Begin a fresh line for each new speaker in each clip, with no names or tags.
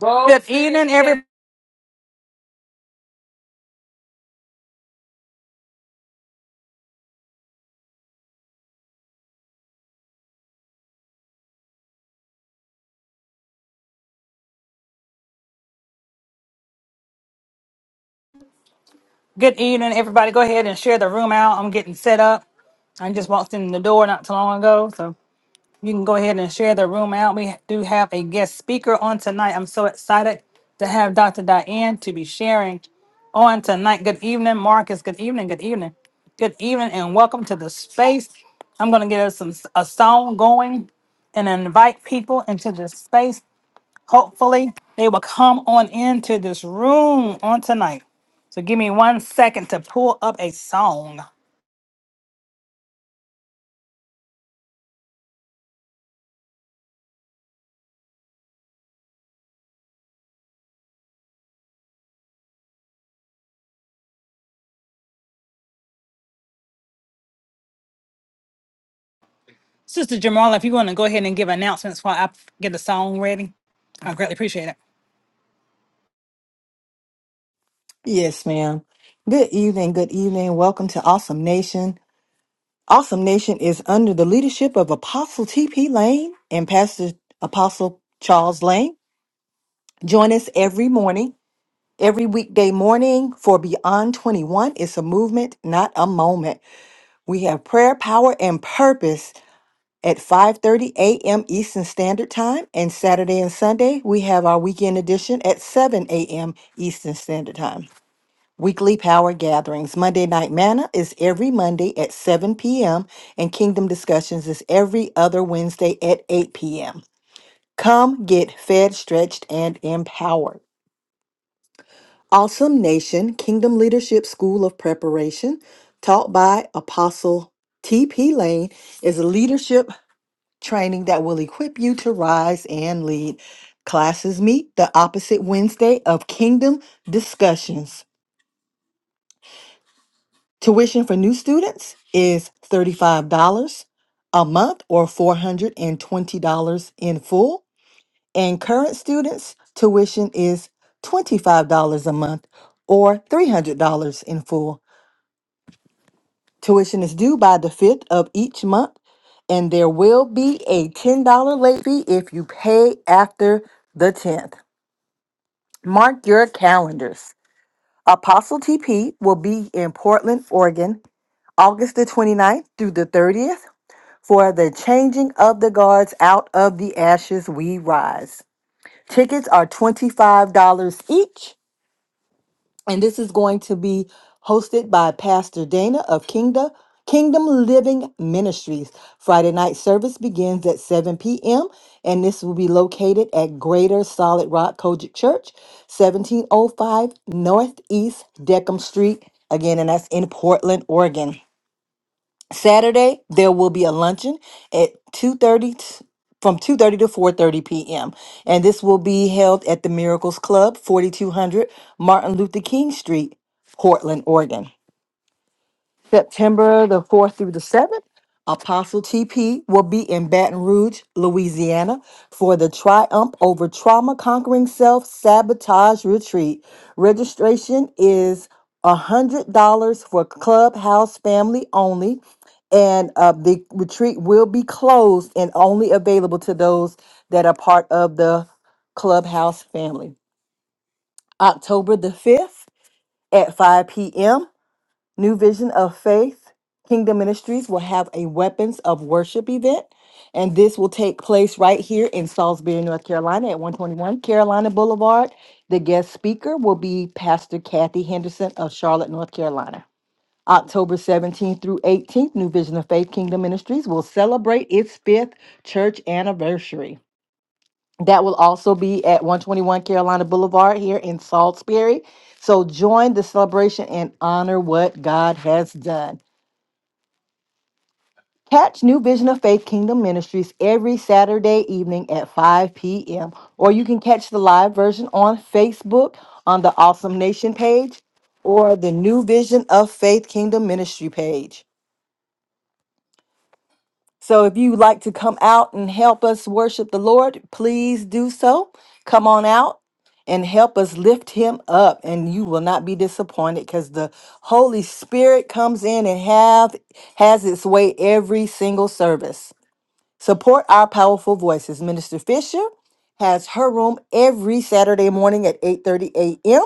Good evening, every good evening, everybody. Go ahead and share the room out. I'm getting set up. I just walked in the door not too long ago, so you can go ahead and share the room out. We do have a guest speaker on tonight. I'm so excited to have Dr. Diane to be sharing on tonight. Good evening, Marcus. Good evening. Good evening. Good evening, and welcome to the space. I'm gonna get us some a song going and invite people into this space. Hopefully, they will come on into this room on tonight. So give me one second to pull up a song. Sister Jamala, if you want to go ahead and give announcements while I get the song ready, I greatly appreciate it.
Yes, ma'am. Good evening. Good evening. Welcome to Awesome Nation. Awesome Nation is under the leadership of Apostle T.P. Lane and Pastor Apostle Charles Lane. Join us every morning, every weekday morning for Beyond 21. It's a movement, not a moment. We have prayer, power, and purpose at 5:30 a.m. Eastern Standard Time and Saturday and Sunday we have our weekend edition at 7 a.m. Eastern Standard Time. Weekly power gatherings. Monday Night Manna is every Monday at 7 p.m., and Kingdom Discussions is every other Wednesday at 8 p.m. Come get fed, stretched, and empowered. Awesome Nation Kingdom Leadership School of Preparation, taught by Apostle T.P. Lane, is a leadership training that will equip you to rise and lead. Classes meet the opposite Wednesday of Kingdom Discussions. Tuition for new students is $35 a month or $420 in full. And current students, tuition is $25 a month or $300 in full. Tuition is due by the 5th of each month, and there will be a $10 late fee if you pay after the 10th. Mark your calendars. Apostle TP will be in Portland, Oregon, August the twenty-ninth through the 30th. For the changing of the guards, out of the ashes we rise. Tickets are $25 each, and this is going to be hosted by Pastor Dana of Kingdom Kingdom Living Ministries. Friday night service begins at 7 p.m., and this will be located at Greater Solid Rock Kojic Church, 1705 Northeast Deckham Street, again, and that's in Portland, Oregon. Saturday there will be a luncheon at 2:30 t- from 2:30 to 4:30 p.m. and this will be held at the Miracles Club, 4200 Martin Luther King Street, Portland, Oregon. September the 4th through the 7th, Apostle TP will be in Baton Rouge, Louisiana for the Triumph Over Trauma Conquering Self Sabotage Retreat. Registration is $100 for Clubhouse family only, and uh, the retreat will be closed and only available to those that are part of the Clubhouse family. October the 5th at 5 p.m. New Vision of Faith Kingdom Ministries will have a Weapons of Worship event, and this will take place right here in Salisbury, North Carolina at 121 Carolina Boulevard. The guest speaker will be Pastor Kathy Henderson of Charlotte, North Carolina. October 17th through 18th, New Vision of Faith Kingdom Ministries will celebrate its fifth church anniversary. That will also be at 121 Carolina Boulevard here in Salisbury. So join the celebration and honor what God has done. Catch New Vision of Faith Kingdom Ministries every Saturday evening at 5 p.m. Or you can catch the live version on Facebook on the Awesome Nation page or the New Vision of Faith Kingdom Ministry page. So if you like to come out and help us worship the Lord, please do so. Come on out and help us lift him up and you will not be disappointed cuz the Holy Spirit comes in and have has its way every single service. Support our powerful voices. Minister Fisher has her room every Saturday morning at 8:30 a.m.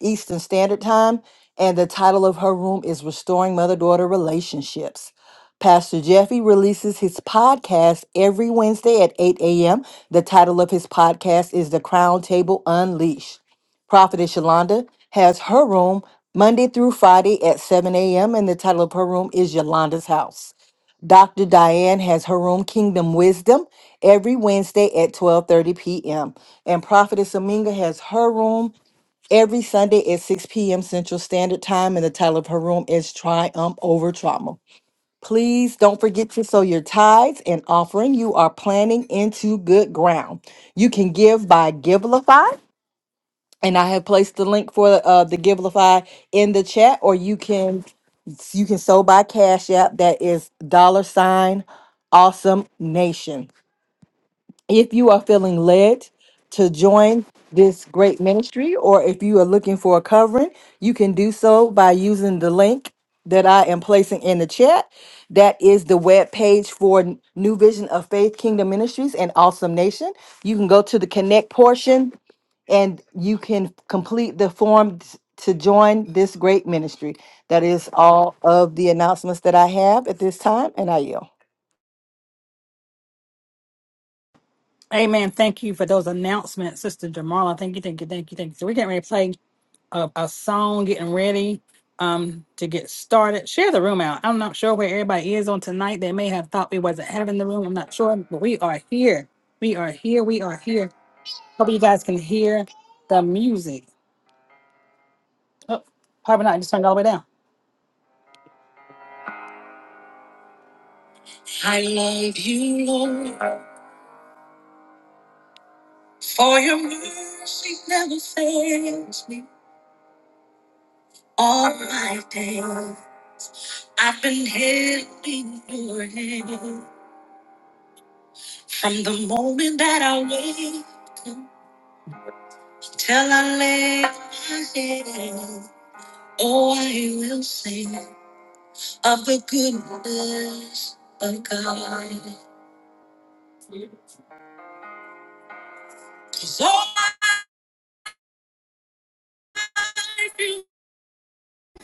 Eastern Standard Time, and the title of her room is Restoring Mother-Daughter Relationships. Pastor Jeffy releases his podcast every Wednesday at 8 a.m. The title of his podcast is The Crown Table Unleashed. Prophetess Yolanda has her room Monday through Friday at 7 a.m., and the title of her room is Yolanda's House. Dr. Diane has her room Kingdom Wisdom every Wednesday at 12:30 p.m. and Prophetess Aminga has her room every Sunday at 6 p.m. Central Standard Time and the title of her room is Triumph Over Trauma. Please don't forget to sow your tithes and offering. You are planting into good ground. You can give by Givelify and I have placed the link for uh, the Givelify in the chat, or you can you can sow by Cash App. That is dollar sign Awesome Nation. If you are feeling led to join this great ministry, or if you are looking for a covering, you can do so by using the link that I am placing in the chat. That is the web page for New Vision of Faith Kingdom Ministries and Awesome Nation. You can go to the connect portion and you can complete the form t- to join this great ministry. That is all of the announcements that I have at this time, and I yield.
Amen. Thank you for those announcements, Sister Jamala. Thank you, thank you, thank you, thank you. So we're getting ready to play a, a song, getting ready um to get started. Share the room out. I'm not sure where everybody is on tonight. They may have thought we wasn't having the room. I'm not sure, but we are here. We are here. We are here. Hope you guys can hear the music. Oh, probably not. just turned it all the way down. I love you, Lord, for your mercy never fails me all my days. I've been held in your hand from the moment that I wake up till I lay my head. Oh, I will sing of the goodness of God. 'Cause all my life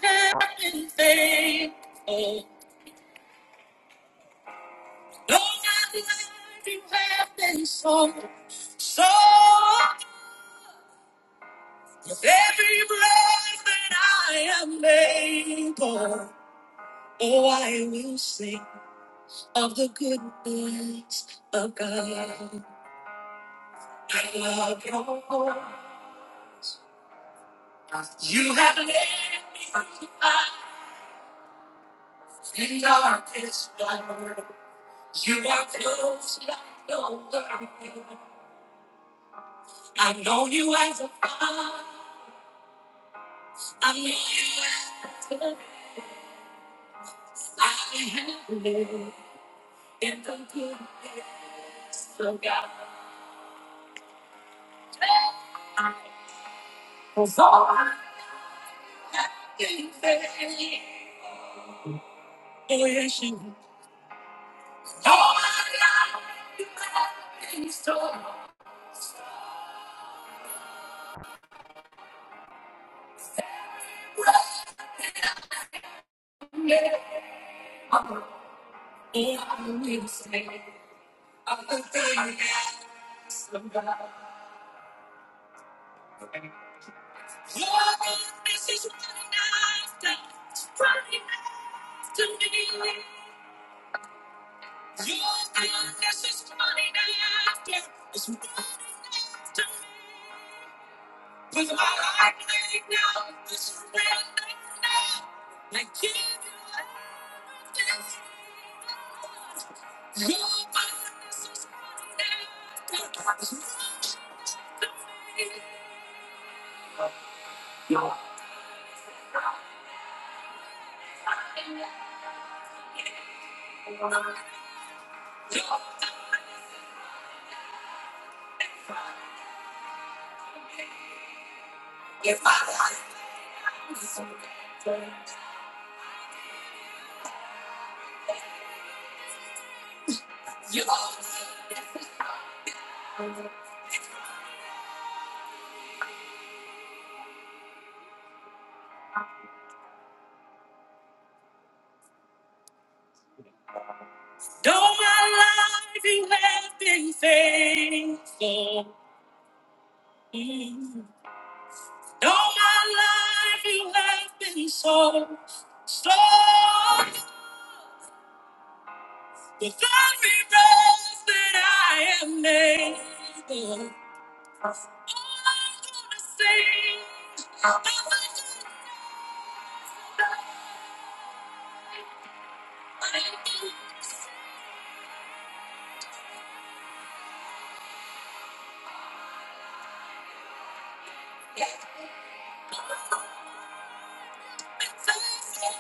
Have been faithful. Lord, I love you have been so, so. With every breath that I am able, oh, I will sing of the goodness of God. I love your Lord. You have led me out in darkest night. You are close like no other. I know you as a father. I know you as a I have lived in the goodness of God. Cause all I have been failing is you. All I have you have been so great. Oh, I will say of the goodness of God. You're good. This is what it does. What it does to me. You're good. This is what it does. It's what it does to me. With my life in your hands, I surrender now. Like you do nothing else. You're good. This is what it does. It's what it does to me. If I surrender, you're good. All my life you have been faithful. Mm. All my life you have been so, so good. With every breath that I am able, I'm gonna sing. I'm gonna sing.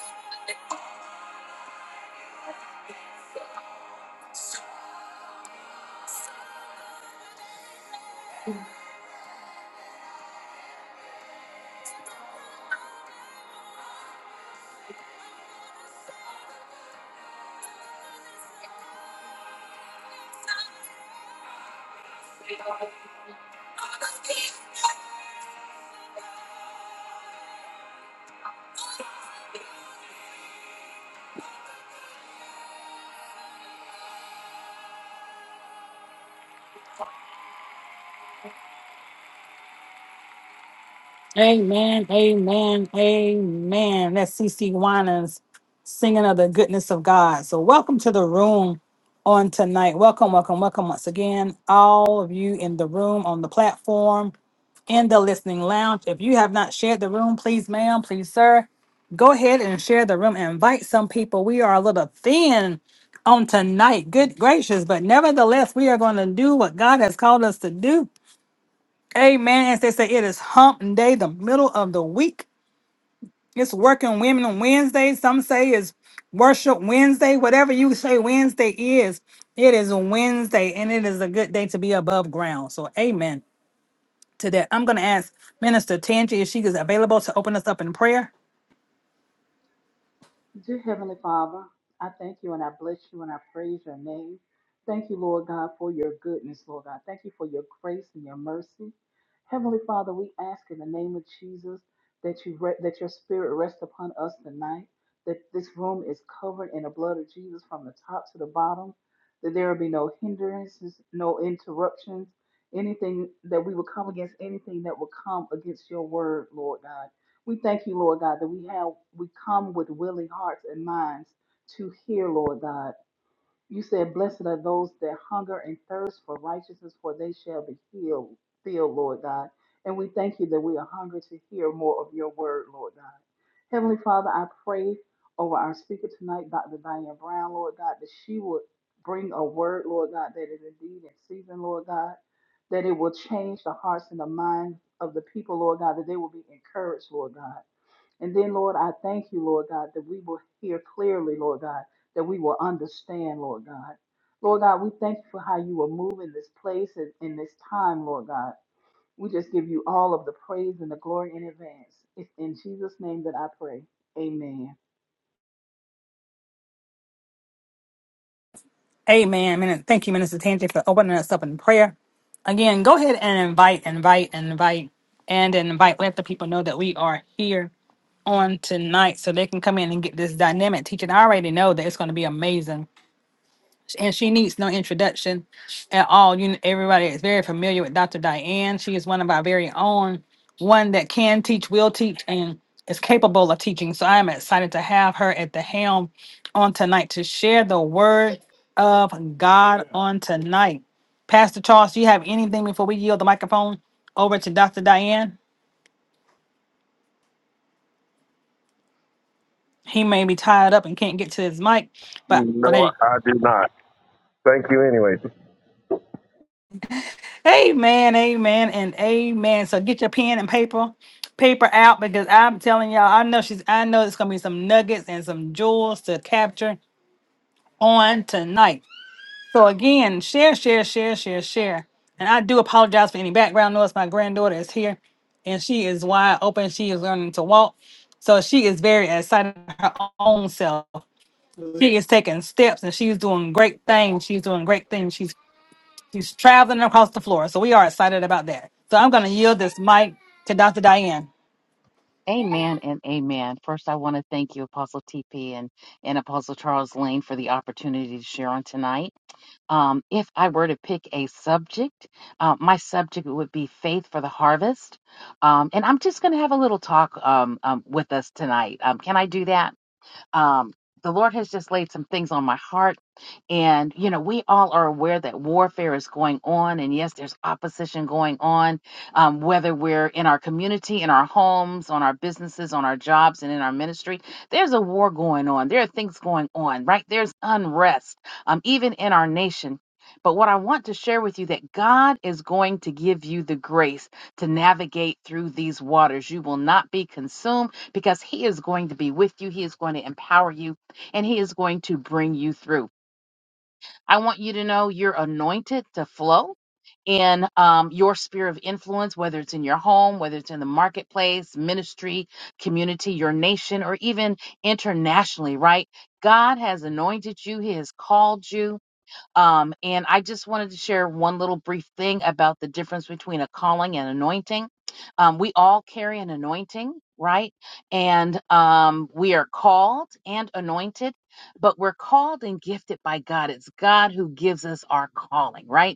Amen, amen, amen. That's CC Winans singing of the goodness of God. So, welcome to the room on tonight. Welcome, welcome, welcome once again, all of you in the room, on the platform, in the listening lounge. If you have not shared the room, please, ma'am, please, sir, go ahead and share the room. Invite some people. We are a little thin on tonight. Good gracious, but nevertheless, we are going to do what God has called us to do. Amen. As they say, it is hump day, the middle of the week. It's working women on Wednesday. Some say it's worship Wednesday. Whatever you say Wednesday is, it is a Wednesday and it is a good day to be above ground. So, amen to that. I'm going to ask Minister Tangi if she is available to open us up in prayer.
Dear Heavenly Father, I thank you and I bless you and I praise your name. Thank you, Lord God, for your goodness, Lord God. Thank you for your grace and your mercy. Heavenly Father, we ask in the name of Jesus that you re- that your spirit rest upon us tonight, that this room is covered in the blood of Jesus from the top to the bottom, that there will be no hindrances, no interruptions, anything that we will come against anything that will come against your word, Lord God. We thank you, Lord God, that we have we come with willing hearts and minds to hear, Lord God. You said, Blessed are those that hunger and thirst for righteousness, for they shall be healed, filled, Lord God. And we thank you that we are hungry to hear more of your word, Lord God. Heavenly Father, I pray over our speaker tonight, Dr. Diane Brown, Lord God, that she would bring a word, Lord God, that is indeed in season, Lord God, that it will change the hearts and the minds of the people, Lord God, that they will be encouraged, Lord God. And then, Lord, I thank you, Lord God, that we will hear clearly, Lord God, that we will understand, Lord God. Lord God, we thank you for how you are moving this place and in this time, Lord God. We just give you all of the praise and the glory in advance. It's in Jesus' name that I pray. Amen.
Amen. Min- Thank you, Minister Tangi, for opening us up in prayer. Again, go ahead and invite, invite, invite, and invite. Let the people know that we are here on tonight so they can come in and get this dynamic teaching. I already know that it's going to be amazing. Sh- And she needs no introduction at all. You kn- everybody is very familiar with Dr. Diane. She is one of our very own, one that can teach, will teach, and is capable of teaching. So I am excited to have her at the helm on tonight to share the word of God on tonight. Pastor Charles, do you have anything before we yield the microphone over to Dr. Diane? He may be tied up and can't get to his mic, but
No, I do not. Thank you anyway.
Amen, amen, and amen. So get your pen and paper, paper out because I'm telling y'all, I know she's I know it's gonna be some nuggets and some jewels to capture on tonight. So again, share, share, share, share, share. And I do apologize for any background noise. My granddaughter is here and she is wide open. She is learning to walk. So she is very excited about her own self. She is taking steps and she's doing great things. She's doing great things. She's She's traveling across the floor. So we are excited about that. So I'm going to yield this mic to Dr. Diane.
Amen and amen. First, I want to thank you, Apostle TP and, and Apostle Charles Lane, for the opportunity to share on tonight. Um, if I were to pick a subject, uh, my subject would be faith for the harvest. Um, and I'm just going to have a little talk um, um, with us tonight. Um, can I do that? Um, the Lord has just laid some things on my heart. And, you know, we all are aware that warfare is going on. And yes, there's opposition going on, um, whether we're in our community, in our homes, on our businesses, on our jobs, and in our ministry. There's a war going on. There are things going on, right? There's unrest, um, even in our nation. But what I want to share with you that God is going to give you the grace to navigate through these waters. You will not be consumed because he is going to be with you. He is going to empower you and he is going to bring you through. I want you to know you're anointed to flow in um, your sphere of influence, whether it's in your home, whether it's in the marketplace, ministry, community, your nation, or even internationally, right? God has anointed you, He has called you, um, and I just wanted to share one little brief thing about the difference between a calling and anointing. Um, we all carry an anointing, right? And um, we are called and anointed, but we're called and gifted by God. It's God who gives us our calling, right?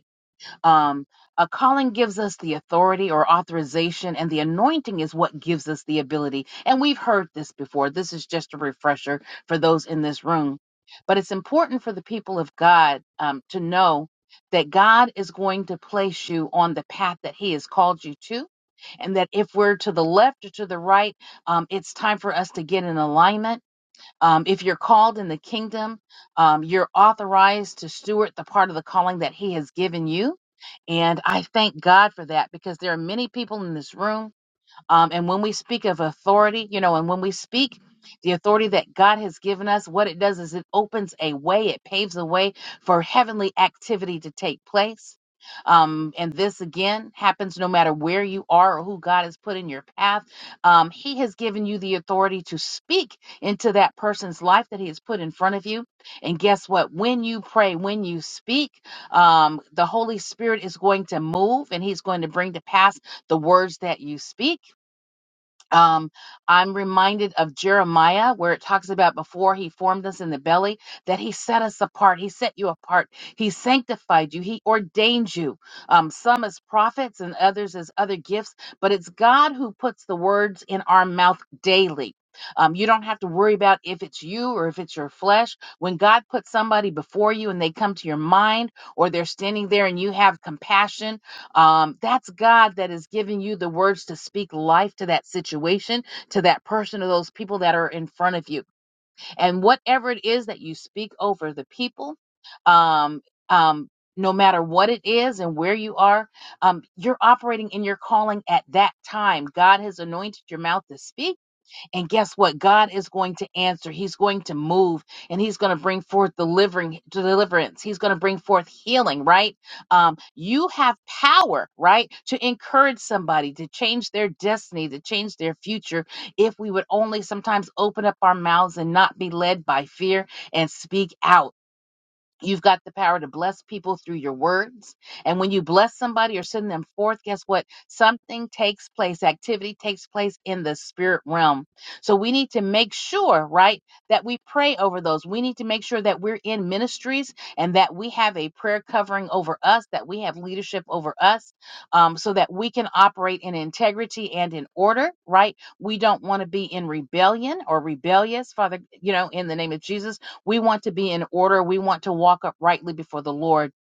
Um, a calling gives us the authority or authorization, and the anointing is what gives us the ability. And we've heard this before. This is just a refresher for those in this room. But it's important for the people of God um, to know that God is going to place you on the path that He has called you to. And that if we're to the left or to the right, um, it's time for us to get in alignment um, if you're called in the kingdom, um, you're authorized to steward the part of the calling that He has given you. And I thank God for that because there are many people in this room um, and when we speak of authority, you know, and when we speak the authority that God has given us, what it does is it opens a way, it paves a way for heavenly activity to take place. Um, and this again happens no matter where you are or who God has put in your path. Um, he has given you the authority to speak into that person's life that He has put in front of you. And guess what? When you pray, when you speak, um, the Holy Spirit is going to move and He's going to bring to pass the words that you speak um, I'm reminded of Jeremiah, where it talks about before he formed us in the belly, that he set us apart. He set you apart. He sanctified you. He ordained you. Um, some as prophets and others as other gifts, but it's God who puts the words in our mouth daily. Um, you don't have to worry about if it's you or if it's your flesh. When God puts somebody before you and they come to your mind, or they're standing there and you have compassion um, that's God that is giving you the words to speak life to that situation, to that person, or those people that are in front of you. And whatever it is that you speak over the people, um, um, no matter what it is and where you are, um, you're operating in your calling at that time. God has anointed your mouth to speak and guess what? God is going to answer. He's going to move and he's going to bring forth delivering deliverance. He's going to bring forth healing, right? Um, you have power, right? To encourage somebody to change their destiny, to change their future. If we would only sometimes open up our mouths and not be led by fear and speak out. You've got the power to bless people through your words. And when you bless somebody or send them forth, guess what? Something takes place, activity takes place in the spirit realm. So we need to make sure, right, that we pray over those. We need to make sure that we're in ministries and that we have a prayer covering over us, that we have leadership over us, um, so that we can operate in integrity and in order, right? We don't want to be in rebellion or rebellious, Father, you know, in the name of Jesus. We want to be in order. We want to walk uprightly before the Lord.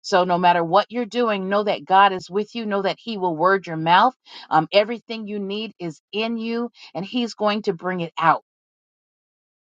So, no matter what you're doing, know that God is with you. Know that He will word your mouth. Um, everything you need is in you, and He's going to bring it out.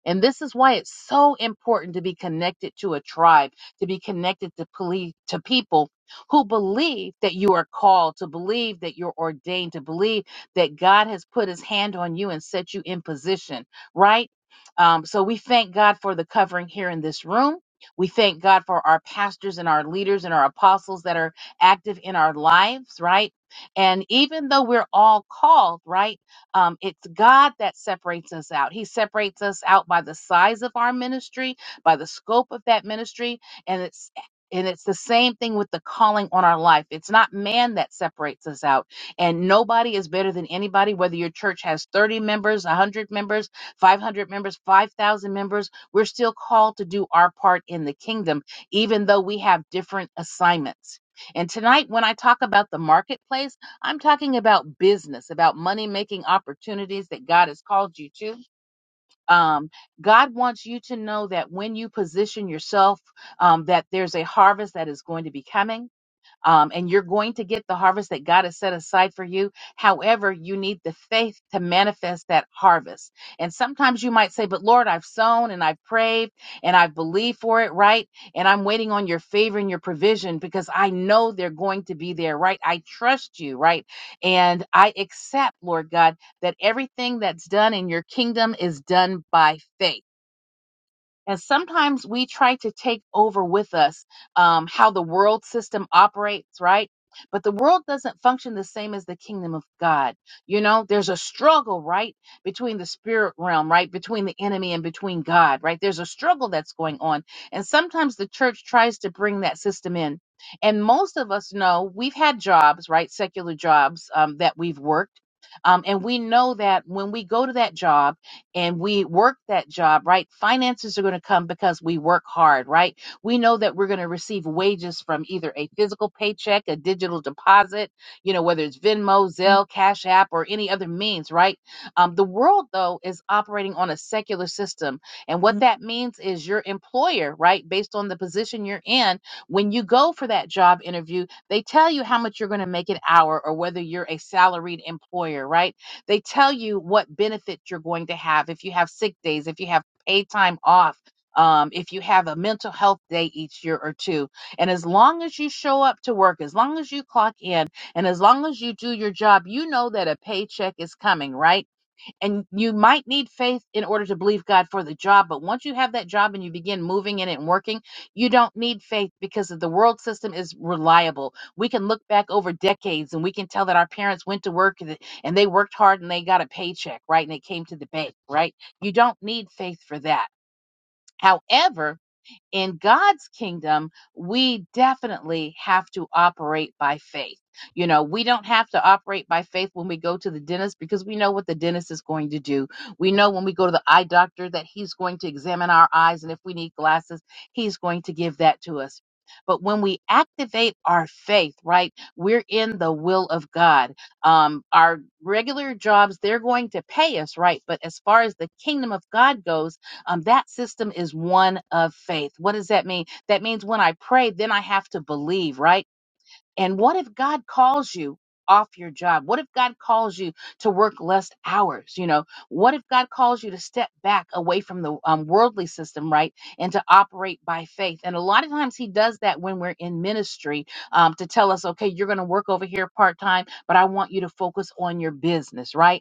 And this is why it's so important to be connected to a tribe, to be connected to police, to people who believe that you are called, to believe that you're ordained, to believe that God has put his hand on you and set you in position, right? Um, so we thank God for the covering here in this room. We thank God for our pastors and our leaders and our apostles that are active in our lives, right? And even though we're all called, right? Um, it's God that separates us out. He separates us out by the size of our ministry, by the scope of that ministry, and it's and it's the same thing with the calling on our life. It's not man that separates us out. And nobody is better than anybody, whether your church has 30 members, 100 members, 500 members, 5,000 members. We're still called to do our part in the kingdom, even though we have different assignments. And tonight, when I talk about the marketplace, I'm talking about business, about money making opportunities that God has called you to. Um, God wants you to know that when you position yourself, um, that there's a harvest that is going to be coming um, and you're going to get the harvest that God has set aside for you. However, you need the faith to manifest that harvest. And sometimes you might say, But Lord, I've sown and I've prayed and I've believed for it, right? And I'm waiting on your favor and your provision because I know they're going to be there, right? I trust you, right? And I accept, Lord God, that everything that's done in your kingdom is done by faith. And sometimes we try to take over with us um, how the world system operates, right? But the world doesn't function the same as the kingdom of God. You know, there's a struggle, right? Between the spirit realm, right? Between the enemy and between God, right? There's a struggle that's going on. And sometimes the church tries to bring that system in. And most of us know we've had jobs, right? Secular jobs um, that we've worked. Um, and we know that when we go to that job, and we work that job, right? Finances are going to come because we work hard, right? We know that we're going to receive wages from either a physical paycheck, a digital deposit, you know, whether it's Venmo, Zelle, Cash App, or any other means, right? Um, the world, though, is operating on a secular system. And what that means is your employer, right, based on the position you're in, when you go for that job interview, they tell you how much you're going to make an hour or whether you're a salaried employer, right? They tell you what benefit you're going to have if you have sick days, if you have paid time off, um, if you have a mental health day each year or two. And as long as you show up to work, as long as you clock in, and as long as you do your job, you know that a paycheck is coming, right? And you might need faith in order to believe God for the job. But once you have that job and you begin moving in it and working, you don't need faith because the world system is reliable. We can look back over decades and we can tell that our parents went to work and th- and they worked hard and they got a paycheck, right? And they came to the bank, right? You don't need faith for that. However, in God's kingdom, we definitely have to operate by faith. You know, we don't have to operate by faith when we go to the dentist because we know what the dentist is going to do. We know when we go to the eye doctor that he's going to examine our eyes, and if we need glasses, he's going to give that to us. But when we activate our faith, right, we're in the will of God. Um, our regular jobs, they're going to pay us, right? But as far as the kingdom of God goes, um, that system is one of faith. What does that mean? That means when I pray, then I have to believe, right? And what if God calls you off your job? What if God calls you to work less hours? You know, what if God calls you to step back away from the um, worldly system, right? And to operate by faith. And a lot of times He does that when we're in ministry um, to tell us, okay, you're going to work over here part time, but I want you to focus on your business, right?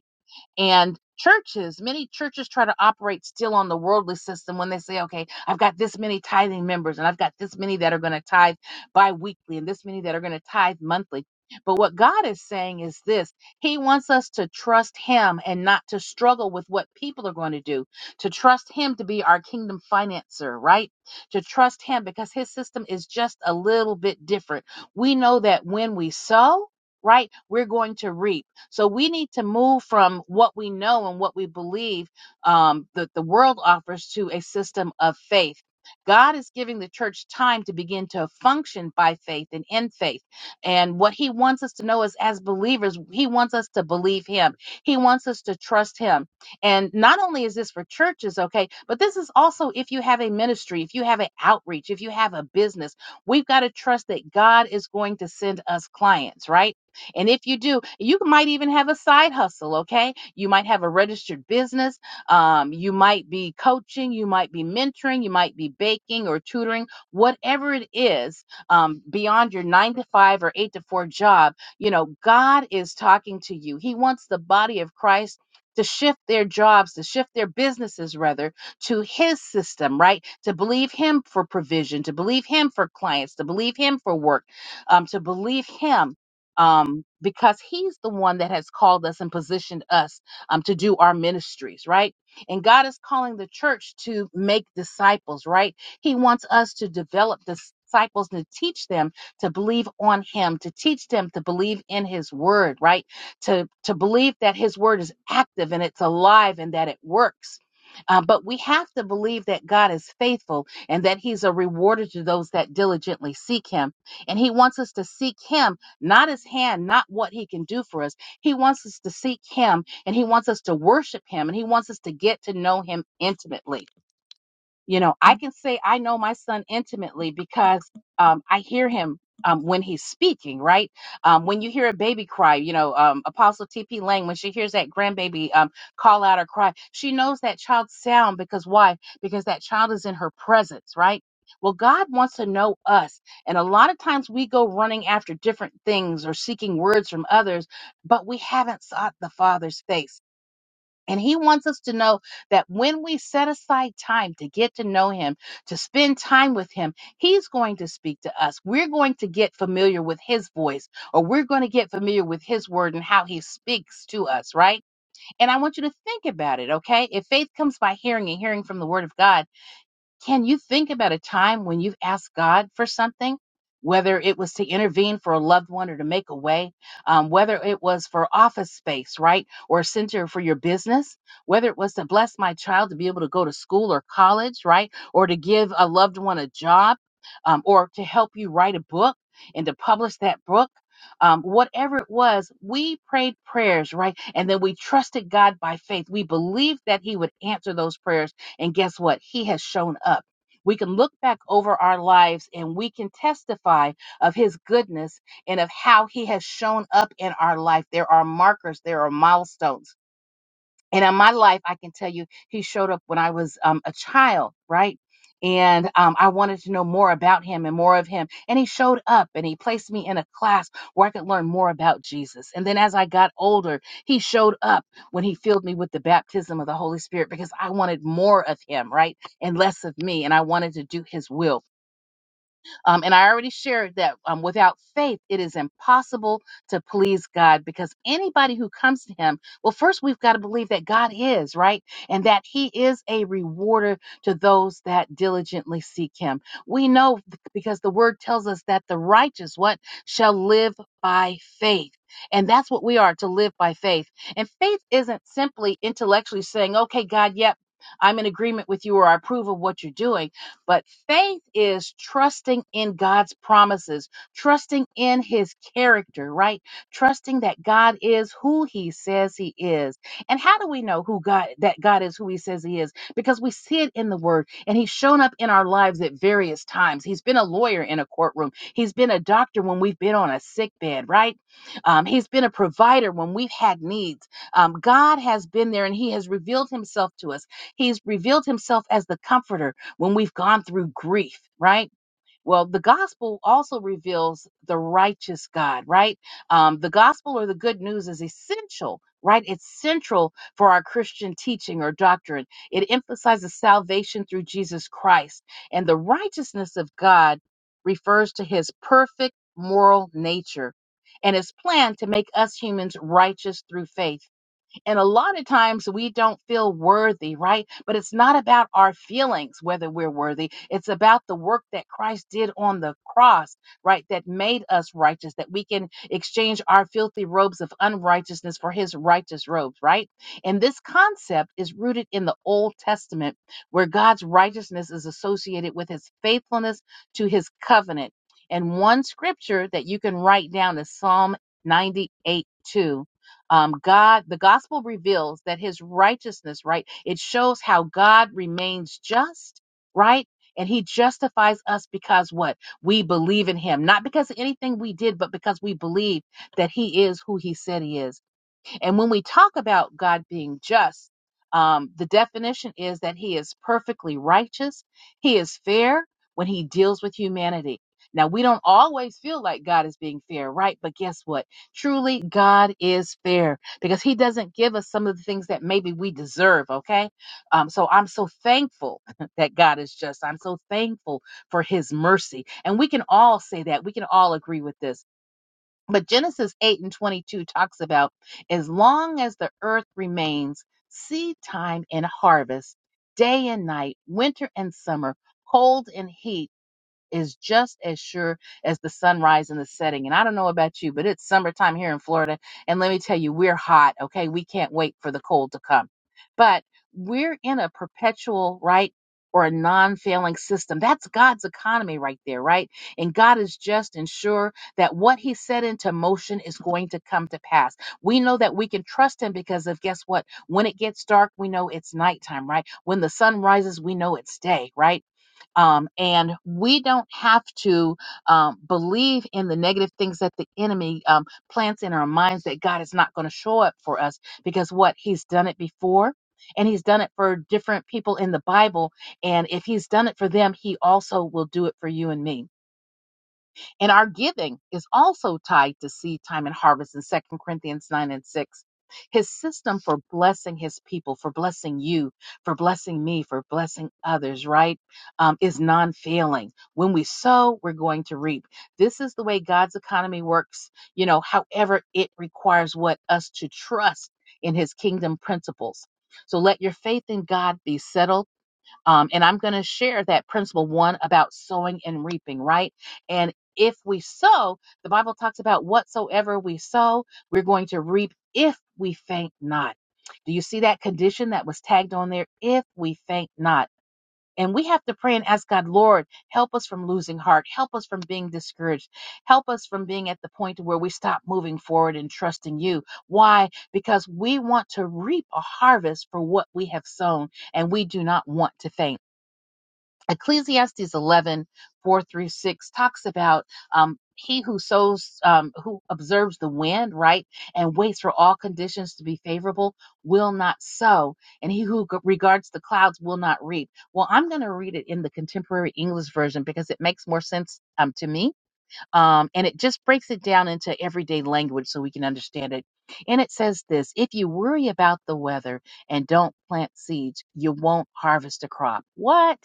And churches, many churches try to operate still on the worldly system when they say, okay, I've got this many tithing members and I've got this many that are going to tithe bi weekly and this many that are going to tithe monthly. But what God is saying is this He wants us to trust Him and not to struggle with what people are going to do, to trust Him to be our kingdom financer, right? To trust Him because His system is just a little bit different. We know that when we sow, right, we're going to reap so we need to move from what we know and what we believe um, that the world offers to a system of faith. God is giving the church time to begin to function by faith and in faith. And what he wants us to know is as believers, he wants us to believe him. He wants us to trust him. And not only is this for churches, okay, but this is also if you have a ministry, if you have an outreach, if you have a business, we've got to trust that God is going to send us clients, right? And if you do, you might even have a side hustle, okay? You might have a registered business. Um, you might be coaching, you might be mentoring, you might be baking or tutoring, whatever it is um, beyond your nine to five or eight to four job. You know, God is talking to you. He wants the body of Christ. To shift their jobs, to shift their businesses rather to his system, right? To believe him for provision, to believe him for clients, to believe him for work, um, to believe him um, because he's the one that has called us and positioned us um, to do our ministries, right? And God is calling the church to make disciples, right? He wants us to develop disciples and to teach them to believe on him to teach them to believe in his word right to to believe that his word is active and it's alive and that it works Uh, but we have to believe that god is faithful and that he's a rewarder to those that diligently seek him and he wants us to seek him not his hand, not what he can do for us. He wants us to seek him and he wants us to worship him and he wants us to get to know him intimately. You know, I can say I know my son intimately because um, I hear him um, when he's speaking, right? Um, when you hear a baby cry, you know, um, Apostle T.P. Lang, when she hears that grandbaby um, call out or cry, she knows that child's sound because why? Because that child is in her presence, right? Well, God wants to know us. And a lot of times we go running after different things or seeking words from others, but we haven't sought the Father's face. And he wants us to know that when we set aside time to get to know him, to spend time with him, he's going to speak to us. We're going to get familiar with his voice, or we're going to get familiar with his word and how he speaks to us, right? And I want you to think about it, okay? If faith comes by hearing and hearing from the word of God, can you think about a time when you've asked God for something? Whether it was to intervene for a loved one or to make a way, um, whether it was for office space, right? Or a center for your business, whether it was to bless my child to be able to go to school or college, right? Or to give a loved one a job, um, or to help you write a book and to publish that book. Um, whatever it was, we prayed prayers, right? And then we trusted God by faith. We believed that He would answer those prayers and guess what? He has shown up. We can look back over our lives and we can testify of his goodness and of how he has shown up in our life. There are markers, there are milestones and in my life i can tell you he showed up when i was um, a child right and um, i wanted to know more about him and more of him and he showed up and he placed me in a class where i could learn more about jesus and then as i got older he showed up when he filled me with the baptism of the holy spirit because i wanted more of him right and less of me and i wanted to do his will um, and I already shared that um, without faith, it is impossible to please God because anybody who comes to Him, well, first we've got to believe that God is, right? And that He is a rewarder to those that diligently seek Him. We know th- because the Word tells us that the righteous, what, shall live by faith. And that's what we are to live by faith. And faith isn't simply intellectually saying, okay, God, yep, I'm in agreement with you or I approve of what you're doing but faith is trusting in God's promises, trusting in his character, right? Trusting that God is who he says he is. And how do we know who God that God is who he says he is? Because we see it in the word and he's shown up in our lives at various times. He's been a lawyer in a courtroom. He's been a doctor when we've been on a sick bed, right? Um, he's been a provider when we've had needs. Um, God has been there and he has revealed himself to us. He's revealed himself as the comforter when we've gone through grief, right? Well, the gospel also reveals the righteous God, right? Um, the gospel or the good news is essential, right? It's central for our Christian teaching or doctrine. It emphasizes salvation through Jesus Christ. And the righteousness of God refers to his perfect moral nature and his plan to make us humans righteous through faith. And a lot of times we don't feel worthy, right? But it's not about our feelings, whether we're worthy. It's about the work that Christ did on the cross, right? That made us righteous, that we can exchange our filthy robes of unrighteousness for his righteous robes, right? And this concept is rooted in the Old Testament, where God's righteousness is associated with his faithfulness to his covenant. And one scripture that you can write down is Psalm ninety-eight two um, God, the gospel reveals that his righteousness, right? It shows how God remains just, right? And he justifies us because what? We believe in him, not because of anything we did, but because we believe that he is who he said he is. And when we talk about God being just, um, the definition is that he is perfectly righteous, he is fair when he deals with humanity. Now, we don't always feel like God is being fair, right? But guess what? Truly, God is fair because He doesn't give us some of the things that maybe we deserve, okay? Um, so I'm so thankful that God is just. I'm so thankful for His mercy. And we can all say that. We can all agree with this but Genesis 8 and 22 talks about as long as the earth remains, seed time and harvest, day and night, winter and summer, cold and heat is just as sure as the sunrise and the setting. And I don't know about you, but it's summertime here in Florida. And let me tell you, we're hot, okay? We can't wait for the cold to come. But we're in a perpetual, right? Or a non failing system. That's God's economy right there, right? And God is just and sure that what He set into motion is going to come to pass. We know that we can trust Him because of guess what? When it gets dark, we know it's nighttime, right? When the sun rises, we know it's day, right? Um, and we don't have to um, believe in the negative things that the enemy um, plants in our minds that God is not going to show up for us because what he's done it before. And he's done it for different people in the Bible. And if he's done it for them, he also will do it for you and me. And our giving is also tied to seed time and harvest in Second Corinthians 9 and 6. His system for blessing his people, for blessing you, for blessing me, for blessing others, right, um, is non failing. When we sow, we're going to reap. This is the way God's economy works, you know, however, it requires what us to trust in his kingdom principles. So let your faith in God be settled um, and I'm going to share that principle one about sowing and reaping, right? And if we sow, the Bible talks about whatsoever we sow, we're going to reap if we faint not. Do you see that condition that was tagged on there? If we faint not. And we have to pray and ask God, Lord, help us from losing heart. Help us from being discouraged. Help us from being at the point where we stop moving forward and trusting you. Why? Because we want to reap a harvest for what we have sown, and we do not want to faint. Ecclesiastes 11 4 through 6 talks about um, he who sows, um, who observes the wind, right, and waits for all conditions to be favorable will not sow, and he who g- regards the clouds will not reap. Well, I'm going to read it in the contemporary English version because it makes more sense um, to me, um, and it just breaks it down into everyday language so we can understand it. And it says this if you worry about the weather and don't plant seeds, you won't harvest a crop. What?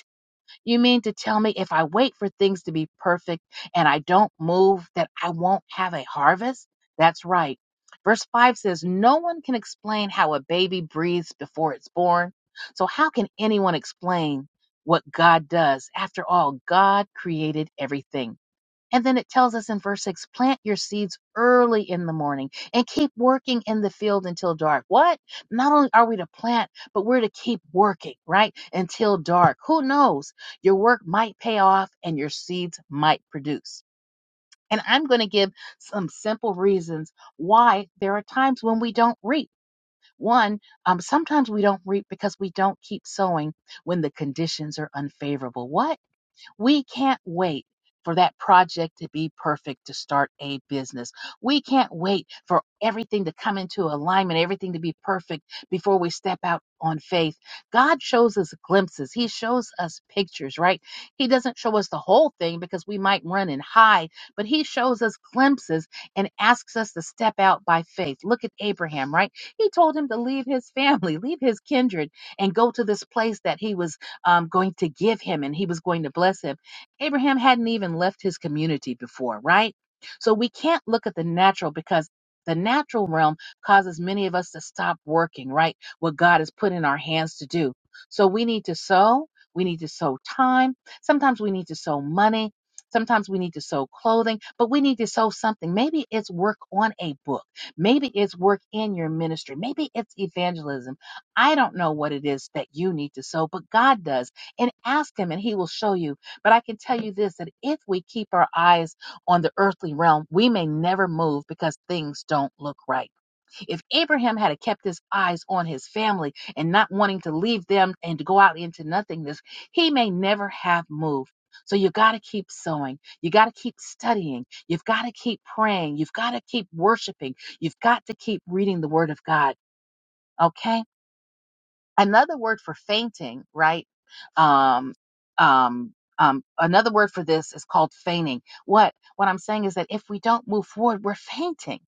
You mean to tell me if I wait for things to be perfect and I don't move, that I won't have a harvest? That's right. Verse 5 says, No one can explain how a baby breathes before it's born. So, how can anyone explain what God does? After all, God created everything. And then it tells us in verse 6 plant your seeds early in the morning and keep working in the field until dark. What? Not only are we to plant, but we're to keep working, right? Until dark. Who knows? Your work might pay off and your seeds might produce. And I'm going to give some simple reasons why there are times when we don't reap. One, um, sometimes we don't reap because we don't keep sowing when the conditions are unfavorable. What? We can't wait for that project to be perfect to start a business. We can't wait for everything to come into alignment, everything to be perfect before we step out on faith. God shows us glimpses, He shows us pictures, right? He doesn't show us the whole thing because we might run and hide, but He shows us glimpses and asks us to step out by faith. Look at Abraham, right? He told him to leave his family, leave his kindred, and go to this place that he was um, going to give him and he was going to bless him. Abraham hadn't even left his community before, right? So we can't look at the natural because the natural realm causes many of us to stop working, right? What God has put in our hands to do. So we need to sow. We need to sow time. Sometimes we need to sow money. Sometimes we need to sew clothing, but we need to sew something. Maybe it's work on a book. Maybe it's work in your ministry. Maybe it's evangelism. I don't know what it is that you need to sow, but God does. And ask Him and He will show you. But I can tell you this that if we keep our eyes on the earthly realm, we may never move because things don't look right. If Abraham had kept his eyes on his family and not wanting to leave them and to go out into nothingness, he may never have moved. So you got to keep sowing. You got to keep studying. You've got to keep praying. You've got to keep worshiping. You've got to keep reading the word of God. Okay? another word for fainting, right? Um, um, um, another word for this is called feigning. What what I'm saying is that if we don't move forward, we're fainting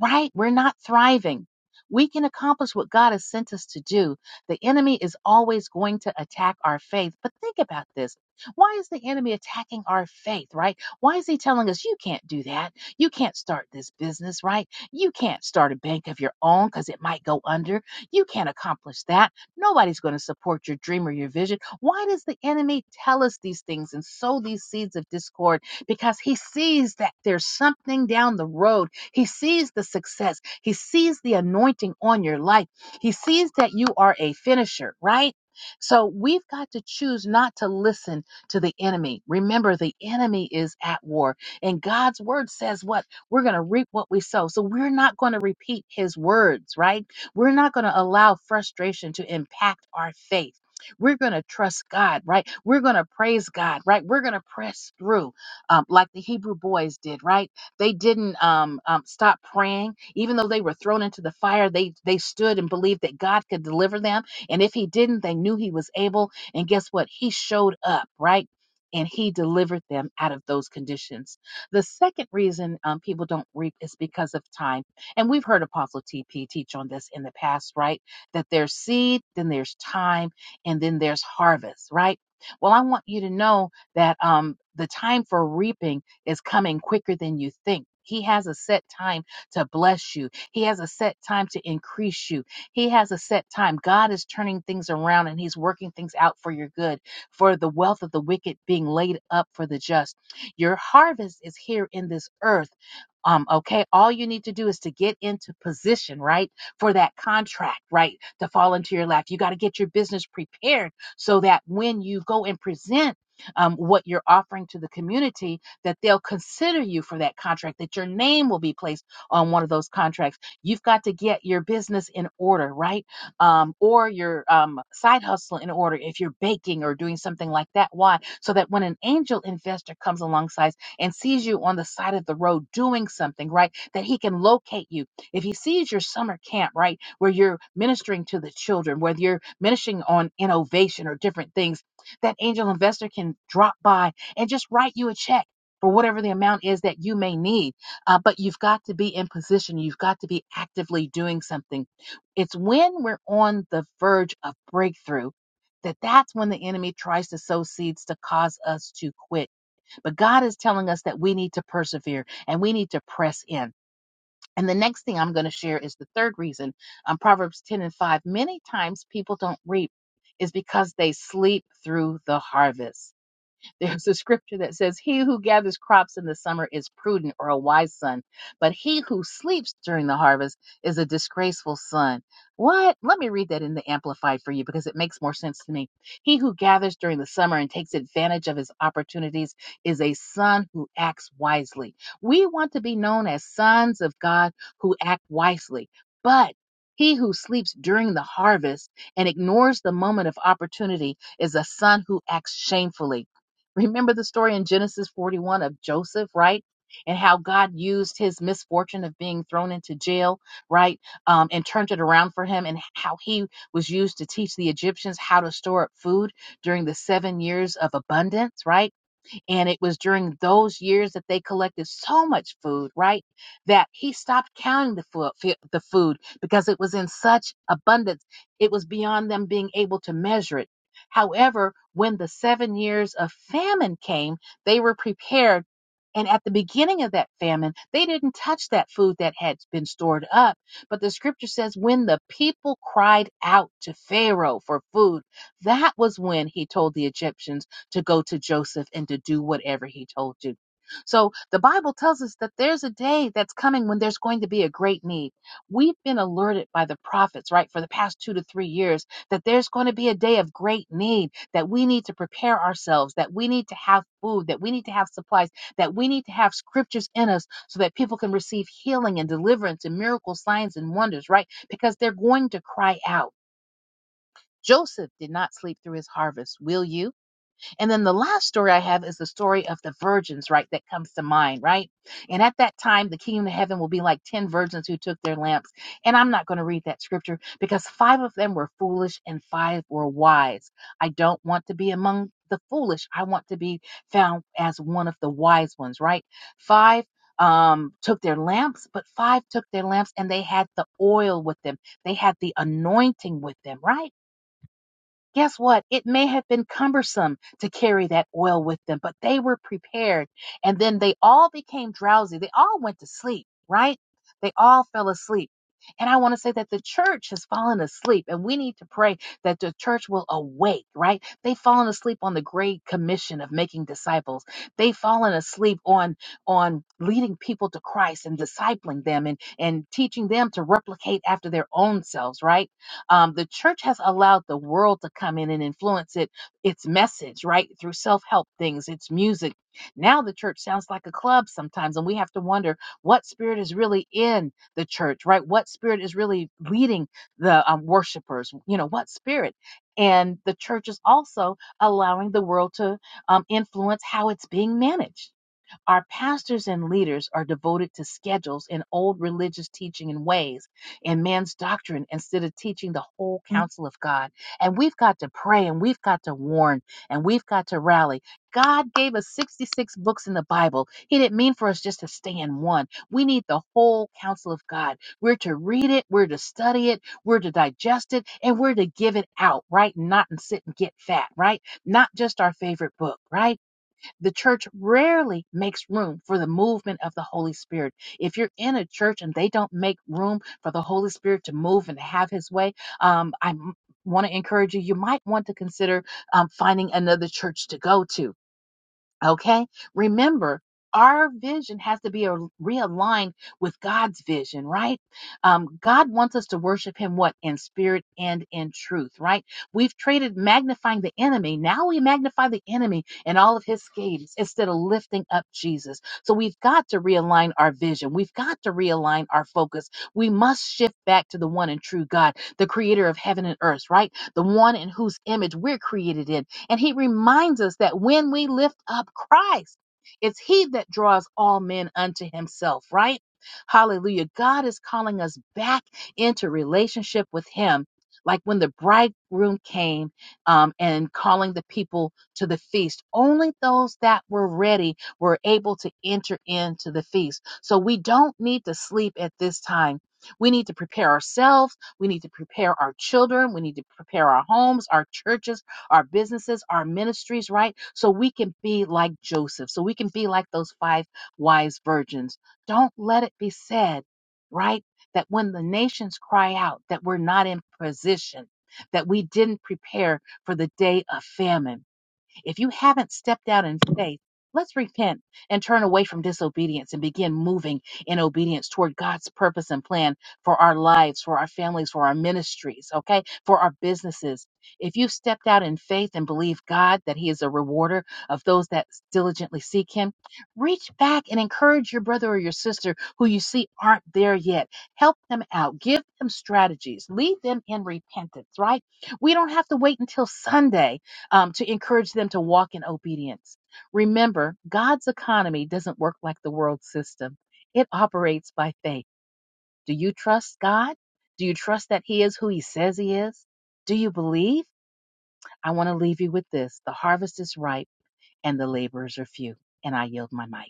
right? We're not thriving. We can accomplish what God has sent us to do. The enemy is always going to attack our faith. But think about this. Why is the enemy attacking our faith, right? Why is he telling us, you can't do that? You can't start this business, right? You can't start a bank of your own because it might go under. You can't accomplish that. Nobody's going to support your dream or your vision. Why does the enemy tell us these things and sow these seeds of discord? Because he sees that there's something down the road he sees the success. He sees the anointing on your life. He sees that you are a finisher, right? So we've got to choose not to listen to the enemy. Remember, the enemy is at war. And God's word says what? We're going to reap what we sow. So we're not going to repeat his words, right? We're not going to allow frustration to impact our faith. We're going to trust God, right? We're going to praise God, right? We're going to press through um, like the Hebrew boys did, right? They didn't um, um, stop praying, even though they were thrown into the fire. They they stood and believed that God could deliver them, and if He didn't, they knew He was able. And guess what? He showed up, right? And he delivered them out of those conditions. The second reason um, people don't reap is because of time. And we've heard Apostle TP teach on this in the past, right? That there's seed, then there's time, and then there's harvest, right? Well, I want you to know that um, the time for reaping is coming quicker than you think. He has a set time to bless you. He has a set time to increase you. He has a set time. God is turning things around and He's working things out for your good, for the wealth of the wicked being laid up for the just. Your harvest is here in this earth um, okay, all you need to do is to get into position, right, for that contract, right, to fall into your lap. You got to get your business prepared so that when you go and present um, what you're offering to the community, that they'll consider you for that contract, that your name will be placed on one of those contracts. You've got to get your business in order, right, um, or your um, side hustle in order if you're baking or doing something like that. Why? So that when an angel investor comes alongside, and sees you on the side of the road doing something, right? That he can locate you. If he sees your summer camp, right, where you're ministering to the children, whether you're ministering on innovation or different things, that angel investor can drop by and just write you a check. For whatever the amount is that you may need. Uh, but you've got to be in position. You've got to be actively doing something. It's when we're on the verge of breakthrough that that's when the enemy tries to sow seeds to cause us to quit but God is telling us that we need to persevere and we need to press in. And the next thing I'm going to share is the third reason um, Proverbs 10 and 5. Many times people don't reap is because they sleep through the harvest. There's a scripture that says, He who gathers crops in the summer is prudent or a wise son, but he who sleeps during the harvest is a disgraceful son. What? Let me read that in the Amplified for you because it makes more sense to me. He who gathers during the summer and takes advantage of his opportunities is a son who acts wisely. We want to be known as sons of God who act wisely, but he who sleeps during the harvest and ignores the moment of opportunity is a son who acts shamefully. Remember the story in Genesis 41 of Joseph, right? And how God used his misfortune of being thrown into jail, right? Um, and turned it around for him, and how he was used to teach the Egyptians how to store up food during the seven years of abundance, right? And it was during those years that they collected so much food, right? That he stopped counting the food, the food because it was in such abundance. It was beyond them being able to measure it. However, when the seven years of famine came, they were prepared. And at the beginning of that famine, they didn't touch that food that had been stored up. But the scripture says, when the people cried out to Pharaoh for food, that was when he told the Egyptians to go to Joseph and to do whatever he told you. So the Bible tells us that there's a day that's coming when there's going to be a great need. We've been alerted by the prophets, right, for the past two to three years that there's going to be a day of great need, that we need to prepare ourselves, that we need to have food, that we need to have supplies, that we need to have scriptures in us so that people can receive healing and deliverance and miracles, signs and wonders, right? Because they're going to cry out. Joseph did not sleep through his harvest. Will you? And then the last story I have is the story of the virgins, right? That comes to mind, right? And at that time, the kingdom of heaven will be like 10 virgins who took their lamps. And I'm not going to read that scripture because five of them were foolish and five were wise. I don't want to be among the foolish. I want to be found as one of the wise ones, right? Five um took their lamps but five took their lamps and they had the oil with them they had the anointing with them right Guess what? It may have been cumbersome to carry that oil with them, but they were prepared. And then they all became drowsy. They all went to sleep, right? They all fell asleep. And I want to say that the church has fallen asleep, and we need to pray that the church will awake, right? They've fallen asleep on the great commission of making disciples. They've fallen asleep on on leading people to Christ and discipling them and, and teaching them to replicate after their own selves, right? Um, the church has allowed the world to come in and influence it, its message, right? Through self help things, its music. Now the church sounds like a club sometimes, and we have to wonder what spirit is really in the church, right? What spirit is really leading the um, worshipers? You know, what spirit? And the church is also allowing the world to um, influence how it's being managed our pastors and leaders are devoted to schedules and old religious teaching and ways and man's doctrine instead of teaching the whole counsel of God. And we've got to pray and we've got to warn and we've got to rally. God gave us 66 books in the Bible. He didn't mean for us just to stay in one. We need the whole counsel of God. We're to read it, we're to study it, we're to digest it, and we're to give it out, right? Not and sit and get fat, right? Not just our favorite book, right? The church rarely makes room for the movement of the Holy Spirit. If you're in a church and they don't make room for the Holy Spirit to move and have his way, um, I want to encourage you, you might want to consider um, finding another church to go to Okay. Remember, our vision has to be a- realigned with God's vision, right? Um, God wants us to worship Him what? In spirit and in truth, right? We've traded magnifying the enemy. Now we magnify the enemy and all of his schemes instead of lifting up Jesus. So we've got to realign our vision. We've got to realign our focus. We must shift back to the one and true God, the creator of heaven and earth, right? The one in whose image we're created in and he reminds us that when we lift up Christ, it's he that draws all men unto himself, right? Hallelujah. God is calling us back into relationship with him. Like when the bridegroom came um, and calling the people to the feast, only those that were ready were able to enter into the feast. So we don't need to sleep at this time. We need to prepare ourselves. We need to prepare our children. We need to prepare our homes, our churches our businesses, our ministries, right? So we can be like Joseph, so we can be like those five wise virgins. Don't let it be said, right, that when the nations cry out, that we're not in position, that we didn't prepare for the day of famine if you haven't stepped out in faith, let's repent and turn away from disobedience and begin moving in obedience toward God's purpose and plan for our lives, for our families, for our ministries, okay, for our businesses. If you've stepped out in faith and believe God that He is a rewarder of those that diligently seek Him, reach back and encourage your brother or your sister who you see aren't there yet. Help them out, give them strategies, lead them in repentance, right? We don't have to wait until Sunday um, to encourage them to walk in obedience. Remember, God's economy doesn't work like the world system, it operates by faith. Do you trust God? Do you trust that He is who He says He is? Do you believe? I want to leave you with this the harvest is ripe and the laborers are few. And I yield my mic.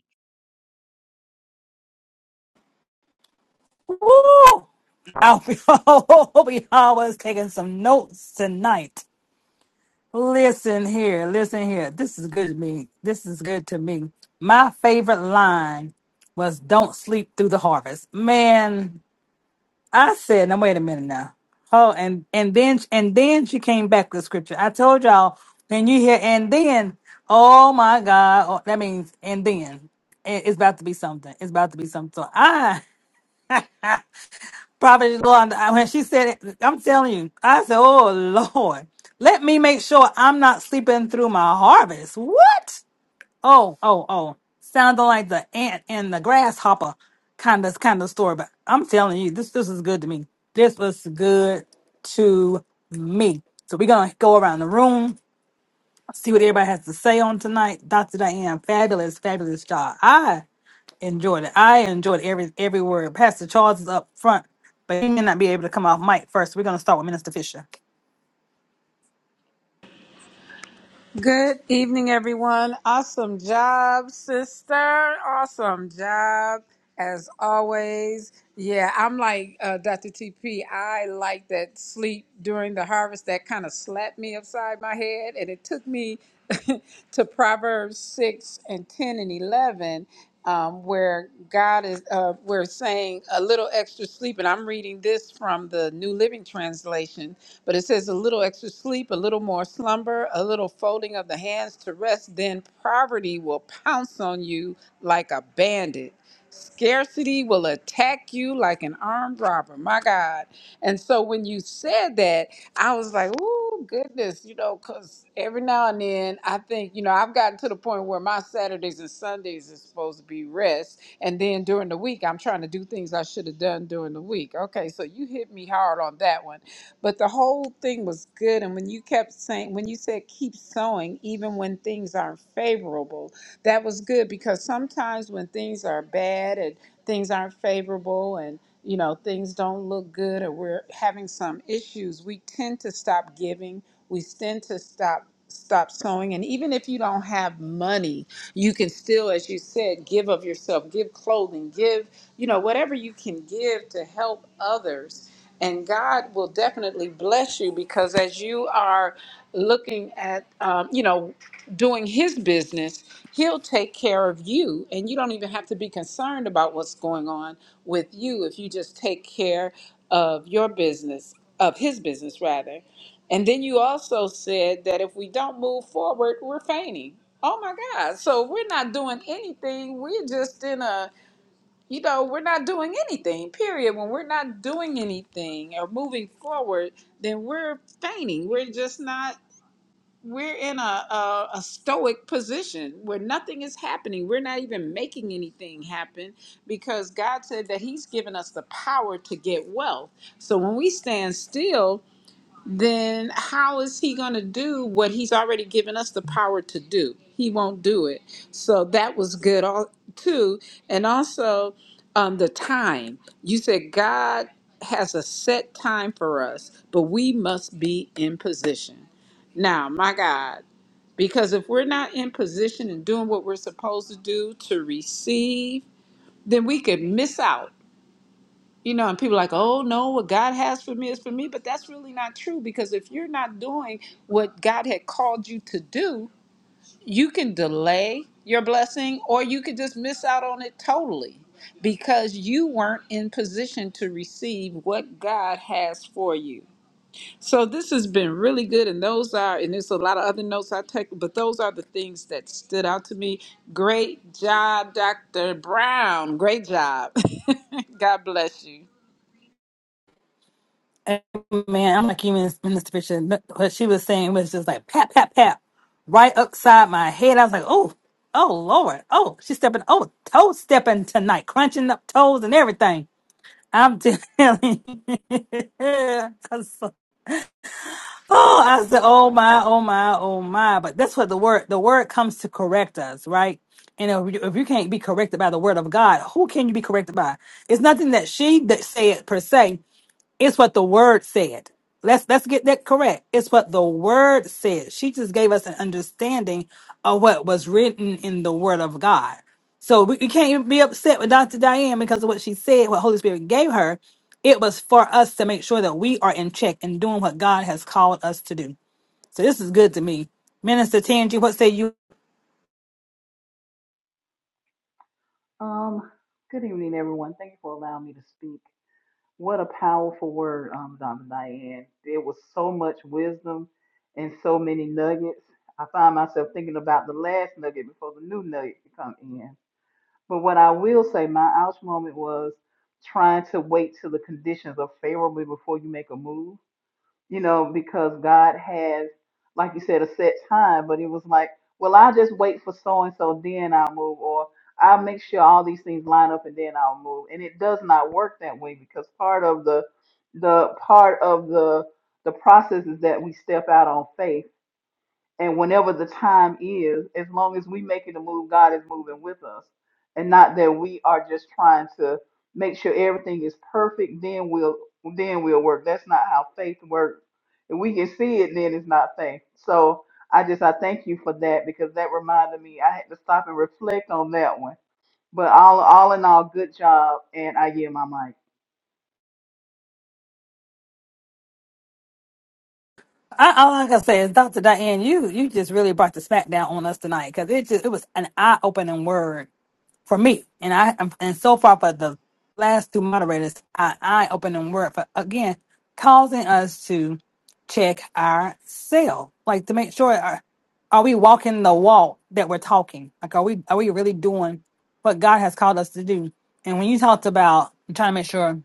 Woo! I'll be, I'll be always taking some notes tonight. Listen here, listen here. This is good to me. This is good to me. My favorite line was "Don't sleep through the harvest." Man, I said, now wait a minute now. Oh, and and then and then she came back with scripture. I told y'all when you hear and then, oh my God, oh, that means and then It- it's about to be something. It's about to be something. So I probably Lord, I- when she said it, I'm telling you, I said, oh Lord, let me make sure I'm not sleeping through my harvest. What? Oh, oh, oh. Sounded like the ant and the grasshopper kind of kind of story. But I'm telling you, this this is good to me. This was good to me. So we're gonna go around the room, see what everybody has to say on tonight. Dr. Diane, fabulous, fabulous job. I enjoyed it. I enjoyed every every word. Pastor Charles is up front, but he may not be able to come off mic first. We're gonna start with Minister Fisher.
Good evening, everyone. Awesome job, sister. Awesome job, as always. Yeah, I'm like uh, Dr. TP. I like that sleep during the harvest that kind of slapped me upside my head, and it took me to Proverbs 6 and 10 and 11 um, where God is, uh, we're saying a little extra sleep, and I'm reading this from the New Living Translation, but it says a little extra sleep, a little more slumber, a little folding of the hands to rest, then poverty will pounce on you like a bandit. Scarcity will attack you like an armed robber. My God. And so when you said that, I was like, "Ooh, goodness," you know, because every now and then I think, you know, I've gotten to the point where my Saturdays and Sundays is supposed to be rest, and then during the week I'm trying to do things I should have done during the week. Okay, so you hit me hard on that one, but the whole thing was good. And when you kept saying, when you said, "Keep sowing," even when things aren't favorable, that was good because sometimes when things are bad and things aren't favorable and you know things don't look good or we're having some issues we tend to stop giving we tend to stop stop sowing and even if you don't have money you can still as you said give of yourself give clothing give you know whatever you can give to help others and god will definitely bless you because as you are looking at um, you know doing his business He'll take care of you, and you don't even have to be concerned about what's going on with you if you just take care of your business, of his business, rather. And then you also said that if we don't move forward, we're fainting. Oh my God. So we're not doing anything. We're just in a, you know, we're not doing anything, period. When we're not doing anything or moving forward, then we're fainting. We're just not we're in a, a, a stoic position where nothing is happening. We're not even making anything happen because God said that He's given us the power to get wealth. So when we stand still, then how is he going to do what he's already given us the power to do? He won't do it. So that was good, all, too. And also, um, the time. You said God has a set time for us, but we must be in position. Now, my God, because if we're not in position and doing what we're supposed to do to receive, then we could miss out you know, and people are like, oh no, what God has for me is for me. But that's really not true because if you're not doing what God had called you to do, you can delay your blessing or you could just miss out on it totally because you weren't in position to receive what God has for you. So this has been really good, and those are, and there's a lot of other notes I take, but those are the things that stood out to me. Great job, Dr. Brown. Great job. God bless you.
And man, I'm like even in this picture. but What she was saying was just like pat, pat, pat, right upside my head. I was like, oh, oh Lord, oh, she's stepping, oh, toe stepping tonight, crunching up toes and everything. I'm telling you. I was so- oh, I said, oh my, oh my, oh my. But that's what the word, the word comes to correct us, right? And if you, if you can't be corrected by the word of God, who can you be corrected by? It's nothing that she that said per se. It's what the word said. Let's let's get that correct. It's what the word said. She just gave us an understanding of what was written in the word of God. So we, we can't even be upset with Dr. Diane because of what she said, what Holy Spirit gave her. It was for us to make sure that we are in check and doing what God has called us to do. So this is good to me. Minister Tangi, what say you?
Um, good evening, everyone. Thank you for allowing me to speak. What a powerful word, um, Donna Diane. There was so much wisdom and so many nuggets. I find myself thinking about the last nugget before the new nugget come in. But what I will say, my ouch moment was trying to wait till the conditions are favorable before you make a move you know, because God has, like you said, a set time, but it was like, well, i just wait for so and so, then I'll move, or I'll make sure all these things line up and then I'll move. And it does not work that way because part of the the part of the the process is that we step out on faith and whenever the time is, as long as we making a move, God is moving with us, and not that we are just trying to make sure everything is perfect. Then we'll then we'll work. That's not how faith works. If we can see it, then it's not faith. So I just I thank you for that because that reminded me. I had to stop and reflect on that one. But all all in all, good job, and I yield my mic.
I, all I can say is, Dr. Diane, you you just really brought the smack down on us tonight because it just it was an eye opening word for me. And I and so far for the last two moderators, I I open them word for again causing us to check ourselves, like to make sure are, are we walking the walk that we're talking? Like are we are we really doing what God has called us to do? And when you talked about I'm trying to make sure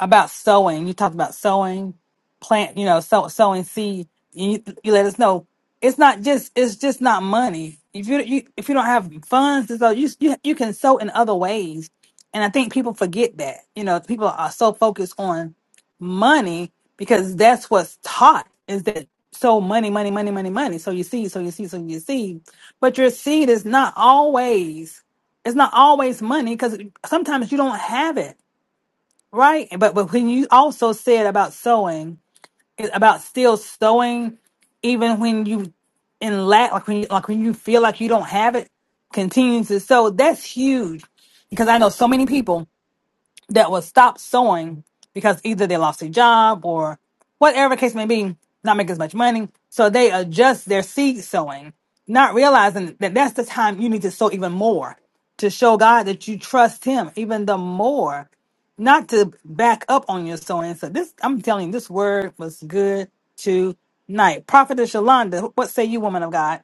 about sowing. You talked about sowing, plant, you know, sow, sowing seed. You, you let us know it's not just it's just not money. If you, you if you don't have funds, so you you you can sow in other ways. And I think people forget that. You know, people are so focused on money because that's what's taught is that so money, money, money, money, money. So you see, so you see, so you see. But your seed is not always it's not always money because sometimes you don't have it right? But but when you also said about sowing, it- about still sowing, even when you in lack, like when you like when you feel like you don't have it, continue to sow. That's huge because I know so many people that will stop sewing because either they lost their job or whatever the case may be, not make as much money. So they adjust their seed sowing, not realizing that that's the time you need to sow even more to show God that you trust Him even the more, not to back up on your sowing. So this, I'm telling you, this word was good tonight. Prophetess Yolanda, what say you, woman of God?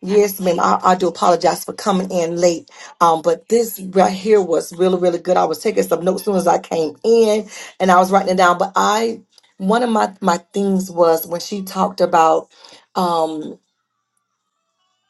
Yes, ma'am. I, I do apologize for coming in late. Um, but this right here was really, really good. I was taking some notes soon as I came in and I was writing it down. But I one of my, my things was when she talked about um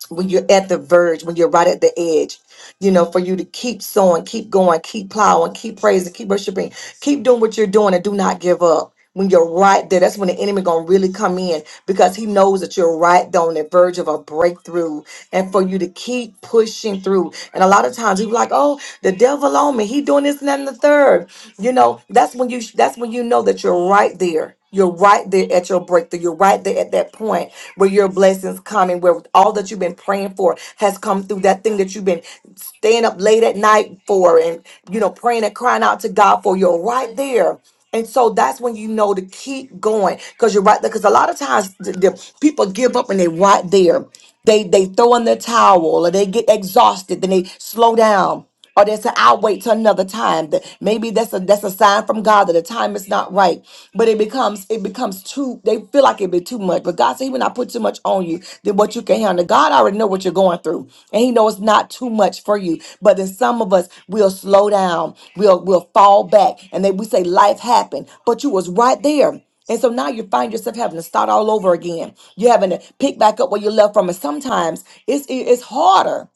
when you're at the verge, when you're right at the edge, you know, for you to keep sowing, keep going, keep plowing, keep praising, keep worshiping, keep doing what you're doing and do not give up. When you're right there, that's when the enemy gonna really come in because he knows that you're right there on the verge of a breakthrough and for you to keep pushing through. And a lot of times you're like, oh, the devil on me. He doing this and that and the third. You know, that's when you that's when you know that you're right there. You're right there at your breakthrough. You're right there at that point where your blessings coming, where all that you've been praying for has come through. That thing that you've been staying up late at night for, and you know, praying and crying out to God for. You're right there. And so that's when you know to keep going because you're right there. Because a lot of times the, the people give up and they're right there. They they throw in the towel or they get exhausted, then they slow down. Or they say, I'll wait till another time. That maybe that's a that's a sign from God that the time is not right. But it becomes it becomes too they feel like it be too much. But God said he will not put too much on you than what you can handle. God already know what you're going through. And he knows it's not too much for you. But then some of us will slow down. We'll we'll fall back. And then we say life happened. But you was right there. And so now you find yourself having to start all over again. You're having to pick back up where you left from. And sometimes it's it- it's harder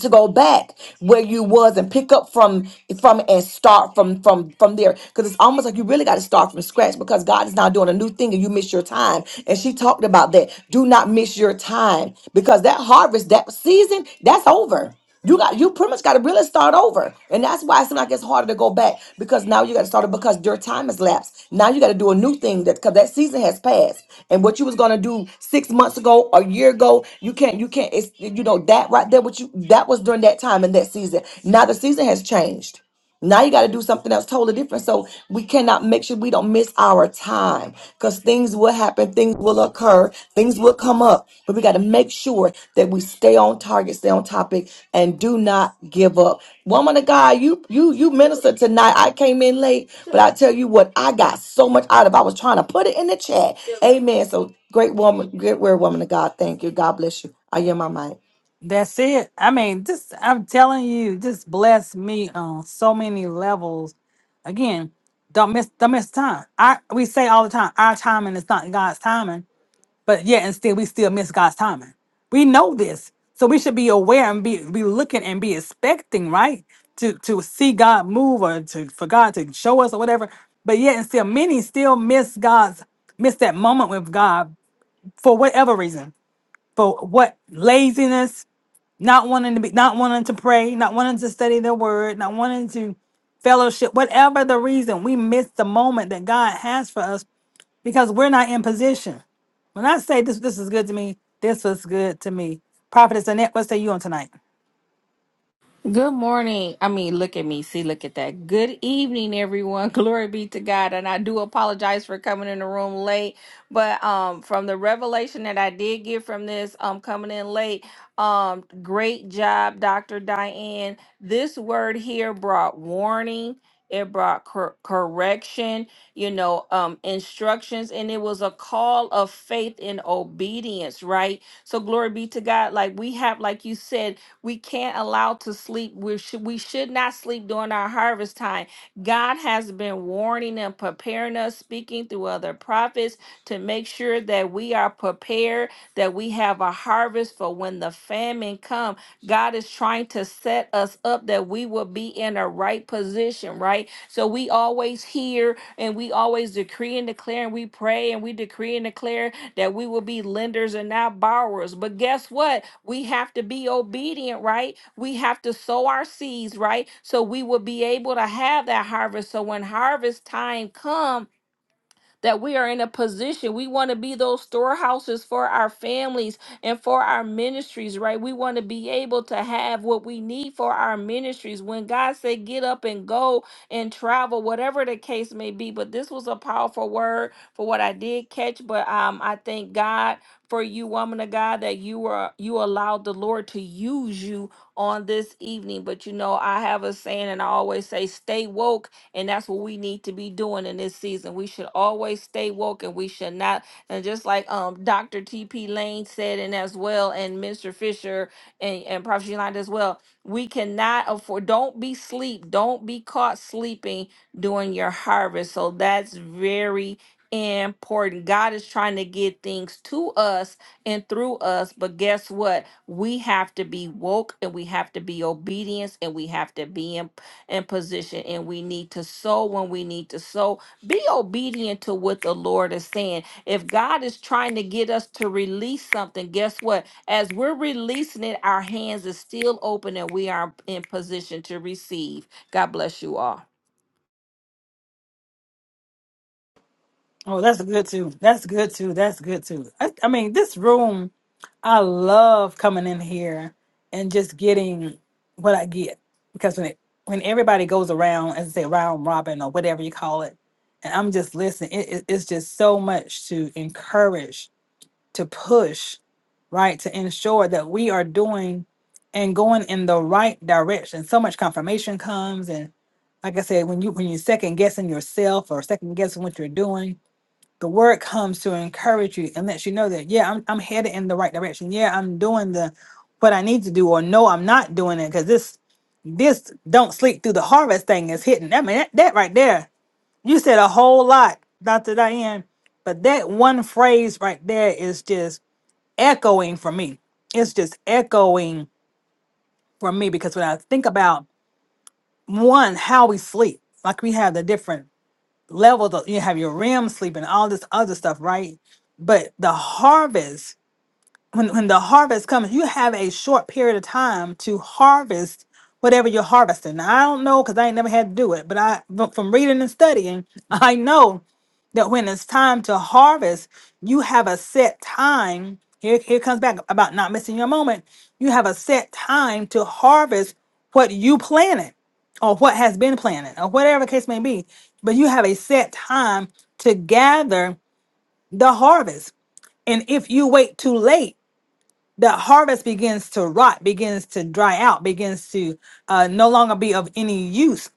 to go back where you was and pick up from from and start from from from there because it's almost like you really got to start from scratch because god is now doing a new thing and you miss your time and she talked about that do not miss your time because that harvest that season that's over you got you pretty much got to really start over, and that's why it seems like it's harder to go back because now you got to start it because your time has lapsed. Now you got to do a new thing that because that season has passed, and what you was gonna do six months ago, a year ago, you can't you can't. It's you know that right there. What you that was during that time in that season. Now the season has changed. Now you got to do something else totally different. So we cannot make sure we don't miss our time because things will happen, things will occur, things will come up. But we got to make sure that we stay on target, stay on topic, and do not give up. Woman of God, you you you minister tonight. I came in late, but I tell you what, I got so much out of. I was trying to put it in the chat. Amen. So great woman, great word, woman of God. Thank you. God bless you. I hear my mic.
That's it. I mean, just I'm telling you, just bless me on so many levels. Again, don't miss don't miss time. I we say all the time, our timing is not God's timing, but yet and still we still miss God's timing. We know this. So we should be aware and be be looking and be expecting, right? To to see God move or to for God to show us or whatever. But yet and still many still miss God's miss that moment with God for whatever reason. For what laziness not wanting to be not wanting to pray not wanting to study the word not wanting to fellowship whatever the reason we miss the moment that god has for us because we're not in position when i say this this is good to me this was good to me prophetess annette what say you on tonight
Good morning. I mean, look at me. See, look at that. Good evening, everyone. Glory be to God. And I do apologize for coming in the room late, but um, from the revelation that I did get from this, um, coming in late, um, great job, Dr. Diane. This word here brought warning. It brought cor- correction, you know, um, instructions, and it was a call of faith and obedience, right? So glory be to God. Like we have, like you said, we can't allow to sleep. We should we should not sleep during our harvest time. God has been warning and preparing us, speaking through other prophets to make sure that we are prepared, that we have a harvest for when the famine comes. God is trying to set us up that we will be in a right position, right? So we always hear and we always decree and declare and we pray and we decree and declare that we will be lenders and not borrowers. But guess what? We have to be obedient, right? We have to sow our seeds, right? So we will be able to have that harvest. So when harvest time comes, that we are in a position. We want to be those storehouses for our families and for our ministries, right? We want to be able to have what we need for our ministries. When God said, get up and go and travel, whatever the case may be. But this was a powerful word for what I did catch. But um, I thank God for you, woman of God, that you were you allowed the Lord to use you on this evening. But you know, I have a saying and I always say, stay woke and that's what we need to be doing in this season. We should always stay woke and we should not. And just like um Dr. T.P. Lane said, and as well, and Mr. Fisher and, and Prophet Yolanda as well, we cannot afford, don't be sleep, don't be caught sleeping during your harvest. So that's very important. God is trying to get things to us and through us, but guess what? We have to be woke and we have to be obedience and we have to be in and position and we need to sow when we need to sow be obedient to what the lord is saying if god is trying to get us to release something guess what as we're releasing it our hands is still open and we are in position to receive god bless you all
Oh, that's good too. That's good too. That's good too. I, I mean, this room, I love coming in here and just getting what I get because when it when everybody goes around, as I say, round robin or whatever you call it, and I'm just listening, it, it- it's just so much to encourage, to push, right, to ensure that we are doing and going in the right direction. So much confirmation comes, and like I said, when you when you're second guessing yourself or second guessing what you're doing the word comes to encourage you and lets you know that yeah I'm, I'm headed in the right direction yeah i'm doing the what i need to do or no i'm not doing it because this this don't sleep through the harvest thing is hitting i mean that, that right there you said a whole lot dr diane but that one phrase right there is just echoing for me it's just echoing for me because when i think about one how we sleep like we have the different levels of you have your REM sleep and all this other stuff, right? But the harvest when, when the harvest comes, you have a short period of time to harvest whatever you're harvesting. Now, I don't know because I ain't never had to do it, but I but from reading and studying, I know that when it's time to harvest, you have a set time. Here, here comes back about not missing your moment. You have a set time to harvest what you planted or what has been planted or whatever the case may be. But you have a set time to gather the harvest. And if you wait too late, the harvest begins to rot, begins to dry out, begins to uh, no longer be of any use.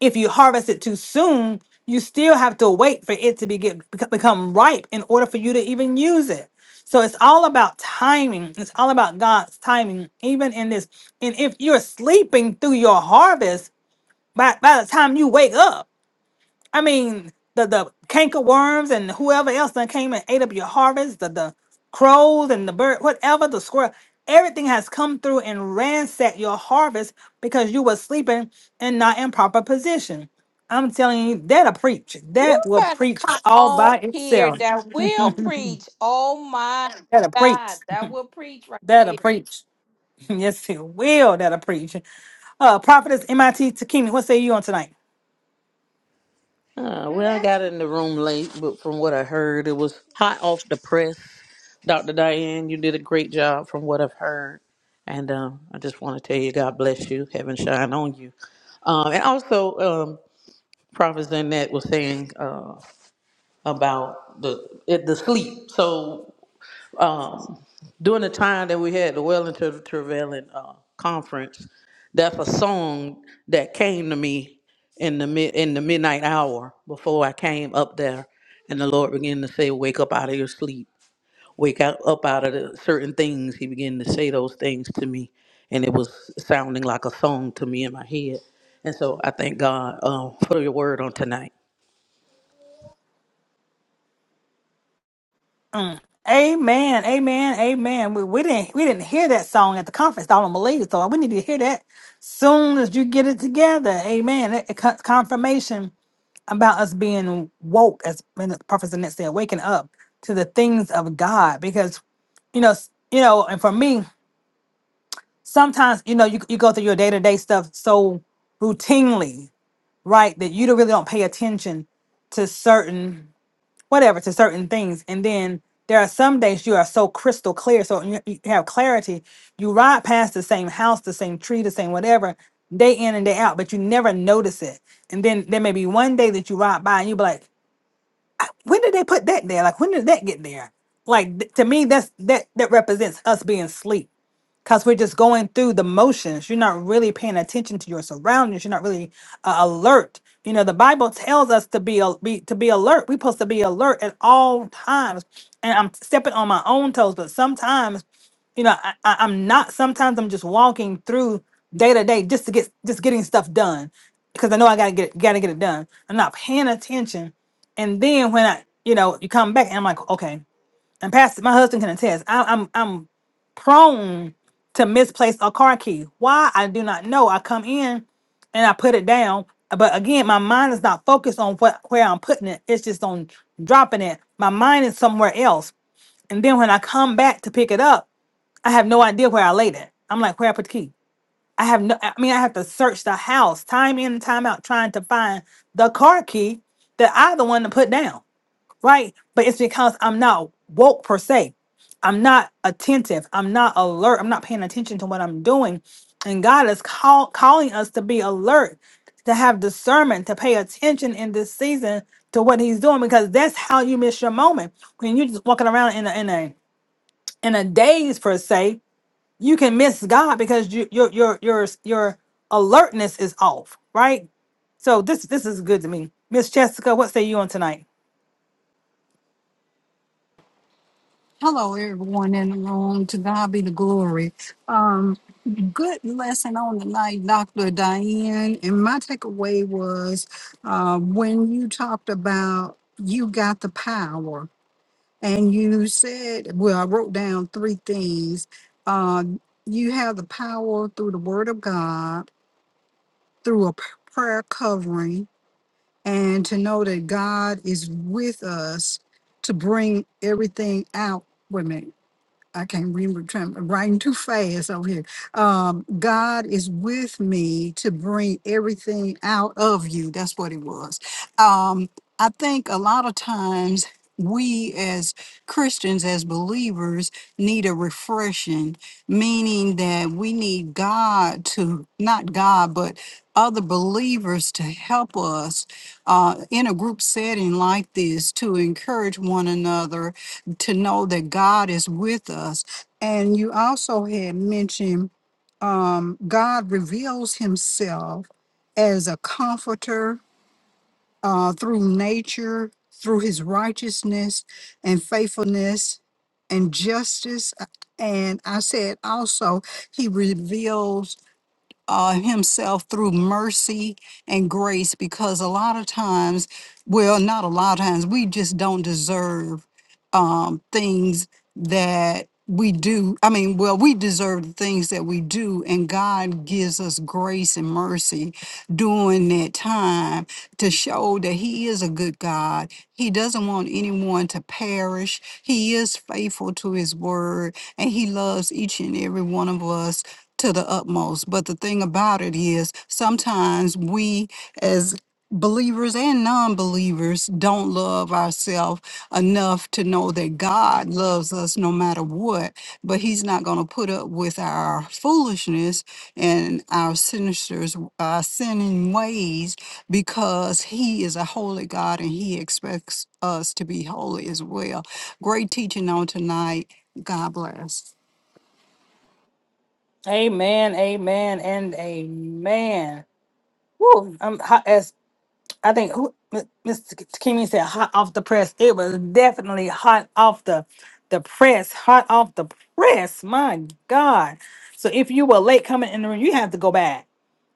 If you harvest it too soon, you still have to wait for it to be get, bec- become ripe in order for you to even use it. So it's all about timing. It's all about God's timing, even in this. And if you're sleeping through your harvest, by, by the time you wake up, I mean, the the canker worms and whoever else that came and ate up your harvest, the the crows and the bird, whatever the squirrel, everything has come through and ransacked your harvest because you were sleeping and not in proper position. I'm telling you, that'll preach.
You
That will
better
preach
come
all by
on here
itself.
that will preach. Oh my
That'll preach.
god that will preach right
That'll
there
preach. Yes, it will. That'll preach. Uh, prophetess MIT Takimi, what say you on tonight?
Uh, well, I got in the room late, but from what I heard, it was hot off the press. Dr. Diane, you did a great job from what I've heard. And um, I just want to tell you, God bless you. Heaven shine on you. Um, and also, um, Prophet Zanette was saying uh, about the it, the sleep. So during the time that we had the Wellington Travailing uh, conference, that's a song that came to me in the mid in the midnight hour before I came up there, and the Lord began to say, "Wake up out of your sleep, wake out up out of the certain things." He began to say those things to me, and it was sounding like a song to me in my head. And so I thank God um, for your word on tonight.
Mm. Amen, amen, amen. We, we didn't we didn't hear that song at the conference. I don't believe so. We need to hear that soon as you get it together. Amen. That- that con- confirmation about us being woke, as when the prophet Annette said, waking up to the things of God. Because you know, s- you know, and for me, sometimes you know you you go through your day to day stuff so routinely, right, that you don't really don't pay attention to certain whatever to certain things and then there are some days you are so crystal clear so you, you have clarity you ride past the same house the same tree the same whatever day in and day out but you never notice it and then there may be one day that you ride by and you be like when did they put that there like when did that get there like th- to me that's that that represents us being asleep because we're just going through the motions. You're not really paying attention to your surroundings. You're not really uh, alert. You know, the Bible tells us to be, al- be to be alert. We're supposed to be alert at all times. And I'm stepping on my own toes, but sometimes, you know, I, I, I'm not. Sometimes I'm just walking through day to day just to get just getting stuff done because I know I gotta get gotta get it done. I'm not paying attention, and then when I you know you come back and I'm like, okay and Pastor, my husband can attest. I, I'm I'm prone to misplace a car key. Why I do not know. I come in and I put it down, but again, my mind is not focused on what where I'm putting it. It's just on dropping it. My mind is somewhere else, and then when I come back to pick it up, I have no idea where I laid it. I'm like, where I put the key. I have no. I mean, I have to search the house time in and time out trying to find the car key that I the one to put down right? But it's because I'm not woke per se. I'm not attentive. I'm not alert. I'm not paying attention to what I'm doing. And God is call, calling us to be alert, to have discernment, to pay attention in this season to what He's doing, because that's how you miss your moment. When you're just walking around in a in a in a daze per se, you can miss God because you, your your your your alertness is off, right? So this this is good to me, Miss Jessica. What say you on tonight?
Hello, everyone in the room. To God be the glory. Um, good lesson on the night, Dr. Diane. And my takeaway was uh, when you talked about you got the power, and you said, well, I wrote down three things. Uh, you have the power through the Word of God, through a p- prayer covering, and to know that God is with us to bring everything out. Women. I can't remember, trying, writing too fast over here. Um, God is with me to bring everything out of you. That's what it was. Um, I think a lot of times we as Christians, as believers, need a refreshing, meaning that we need God to, not God, but other believers to help us uh, in a group setting like this to encourage one another to know that God is with us. And you also had mentioned um, God reveals himself as a comforter uh, through nature, through his righteousness and faithfulness and justice. And I said also, he reveals uh, himself through mercy and grace because a lot of times, well, not a lot of times, we just don't deserve um, things that we do. I mean, well, we deserve the things that we do, and God gives us grace and mercy during that time to show that He is a good God. He doesn't want anyone to perish. He is faithful to His word, and He loves each and every one of us to the utmost. But the thing about it is, sometimes we as believers and non believers don't love ourselves enough to know that God loves us no matter what, but He's not going to put up with our foolishness and our sinisters, our sinning ways because He is a holy God and He expects us to be holy as well. Great teaching on tonight. God bless.
Amen, amen, and amen. Woo, I'm hot as I think who Mr. Kimmy said, hot off the press. It was definitely hot off the the press, hot off the press. My God! So if you were late coming in the room, you have to go back.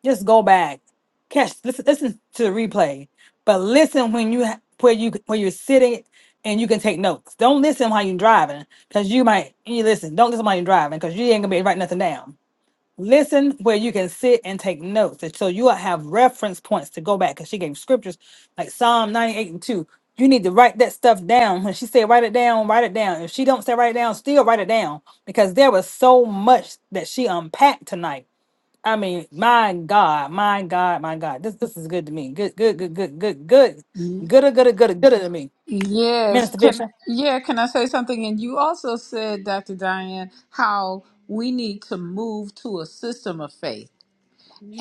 Just go back. Catch listen, listen to the replay, but listen when you ha- where you where you're sitting and you can take notes. Don't listen while you're driving because you might you listen. Don't listen while you're driving because you ain't gonna be able to write nothing down Listen where you can sit and take notes. And so you will have reference points to go back because she gave scriptures like Psalm 98 and 2. You need to write that stuff down. When she said write it down, write it down. If she don't say write it down, still write it down because there was so much that she unpacked tonight. I mean, my God, my God, my God. This this is good to me. Good, good, good, good, good, good. Gooda, gooda, gooda, gooda to me.
Yes,
Minister
can
Fisher.
yeah, can I say something? And you also said, Dr. Diane, how we need to move to a system of faith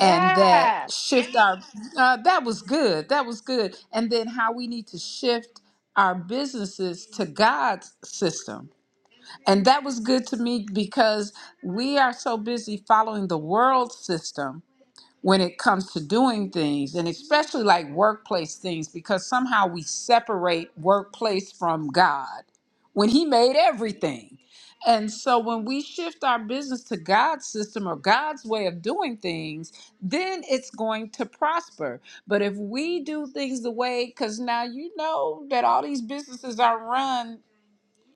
and that shift our uh, that was good. That was good. And then how we need to shift our businesses to God's system. And that was good to me because we are so busy following the world system when it comes to doing things and especially like workplace things because somehow we separate workplace from God when he made everything. And so when we shift our business to God's system or God's way of doing things, then it's going to prosper. But if we do things the way cuz now you know that all these businesses are run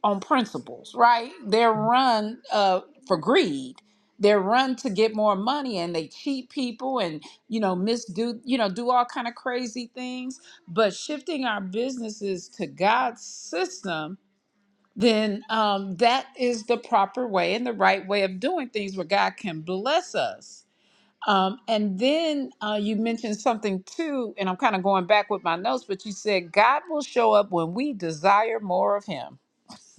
on principles, right? They're run uh, for greed. They're run to get more money, and they cheat people, and you know, misdo, you know, do all kind of crazy things. But shifting our businesses to God's system, then um, that is the proper way and the right way of doing things, where God can bless us. Um, and then uh, you mentioned something too, and I'm kind of going back with my notes, but you said God will show up when we desire more of Him.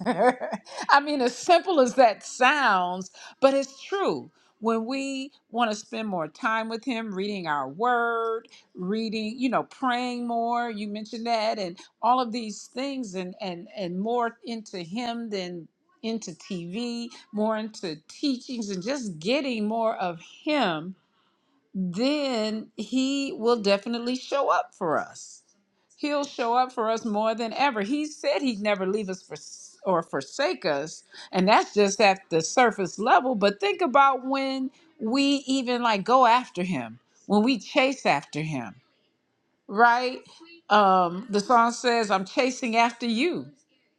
I mean, as simple as that sounds, but it's true. When we want to spend more time with Him, reading our word, reading, you know, praying more, you mentioned that, and all of these things, and and and more into Him than into TV, more into teachings, and just getting more of Him then he will definitely show up for us. He'll show up for us more than ever. He said he'd never leave us for, or forsake us, and that's just at the surface level. But think about when we even like go after him, when we chase after him, right? Um, the song says, "I'm chasing after you."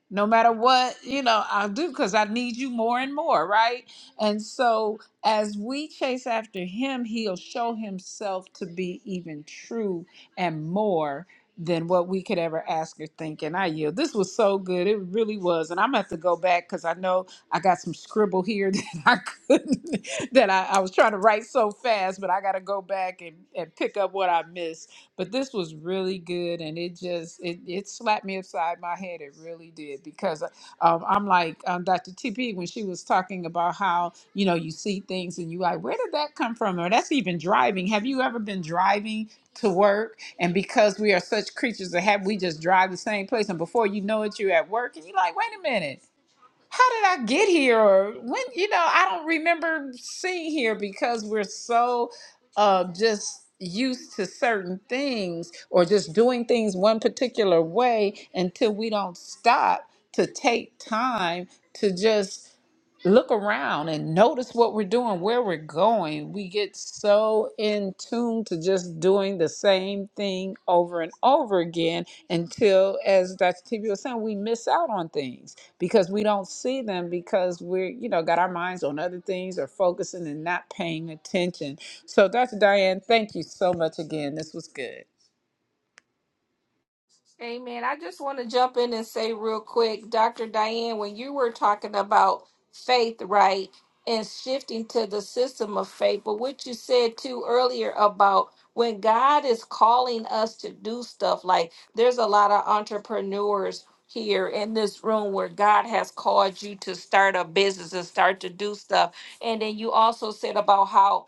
no matter what you know i'll do because i need you more and more right and so as we chase after him he'll show himself to be even true and more than what we could ever ask or think and i yield this was so good it really was and i'm gonna have to go back because i know i got some scribble here that i couldn't that I, I was trying to write so fast but i gotta go back and, and pick up what i missed but this was really good, and it just it, it slapped me upside my head. It really did because um, I'm like um, Dr. TP when she was talking about how you know you see things and you like where did that come from? Or that's even driving. Have you ever been driving to work and because we are such creatures that have we just drive the same place and before you know it you're at work and you're like wait a minute how did I get here? Or when, you know, I don't remember seeing here because we're so uh, just used to certain things or just doing things one particular way until we don't stop to take time to just look around and notice what we're doing, where we're going. We get so in tune to just doing the same thing over and over again until, as Dr. TV was saying, we miss out on things because we don't see them because we're you know got our minds on other things or focusing and not paying attention so dr diane thank you so much again this was good
Amen. I just want to jump in and say real quick, Dr. Diane, when you were talking about faith, right, and shifting to the system of faith, but what you said too earlier about when God is calling us to do stuff, like there's a lot of entrepreneurs here in this room where God has called you to start a business and start to do stuff. And then you also said about how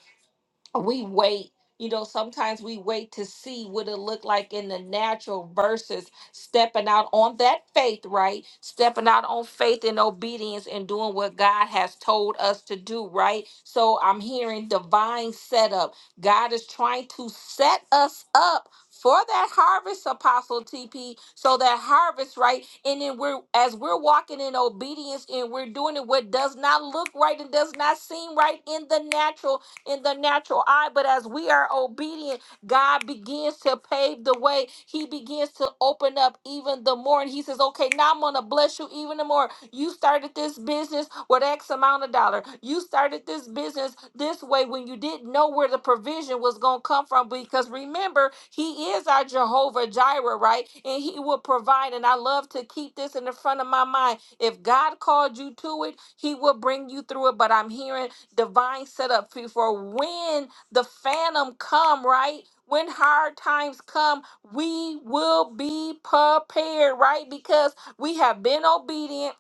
we wait you know sometimes we wait to see what it look like in the natural versus stepping out on that faith right stepping out on faith and obedience and doing what god has told us to do right so i'm hearing divine setup god is trying to set us up for that harvest apostle tp so that harvest right and then we're as we're walking in obedience and we're doing it what does not look right and does not seem right in the natural in the natural eye, but as we are obedient, God begins to pave the way. He begins to open up even the more. And He says, Okay, now I'm going to bless you even the more. You started this business with X amount of dollar. You started this business this way when you didn't know where the provision was going to come from. Because remember, He is our Jehovah Jireh, right? And He will provide. And I love to keep this in the front of my mind. If God called you to it, He will bring you through it. But I'm hearing divine setup fee for when the phantom come right when hard times come we will be prepared right because we have been obedient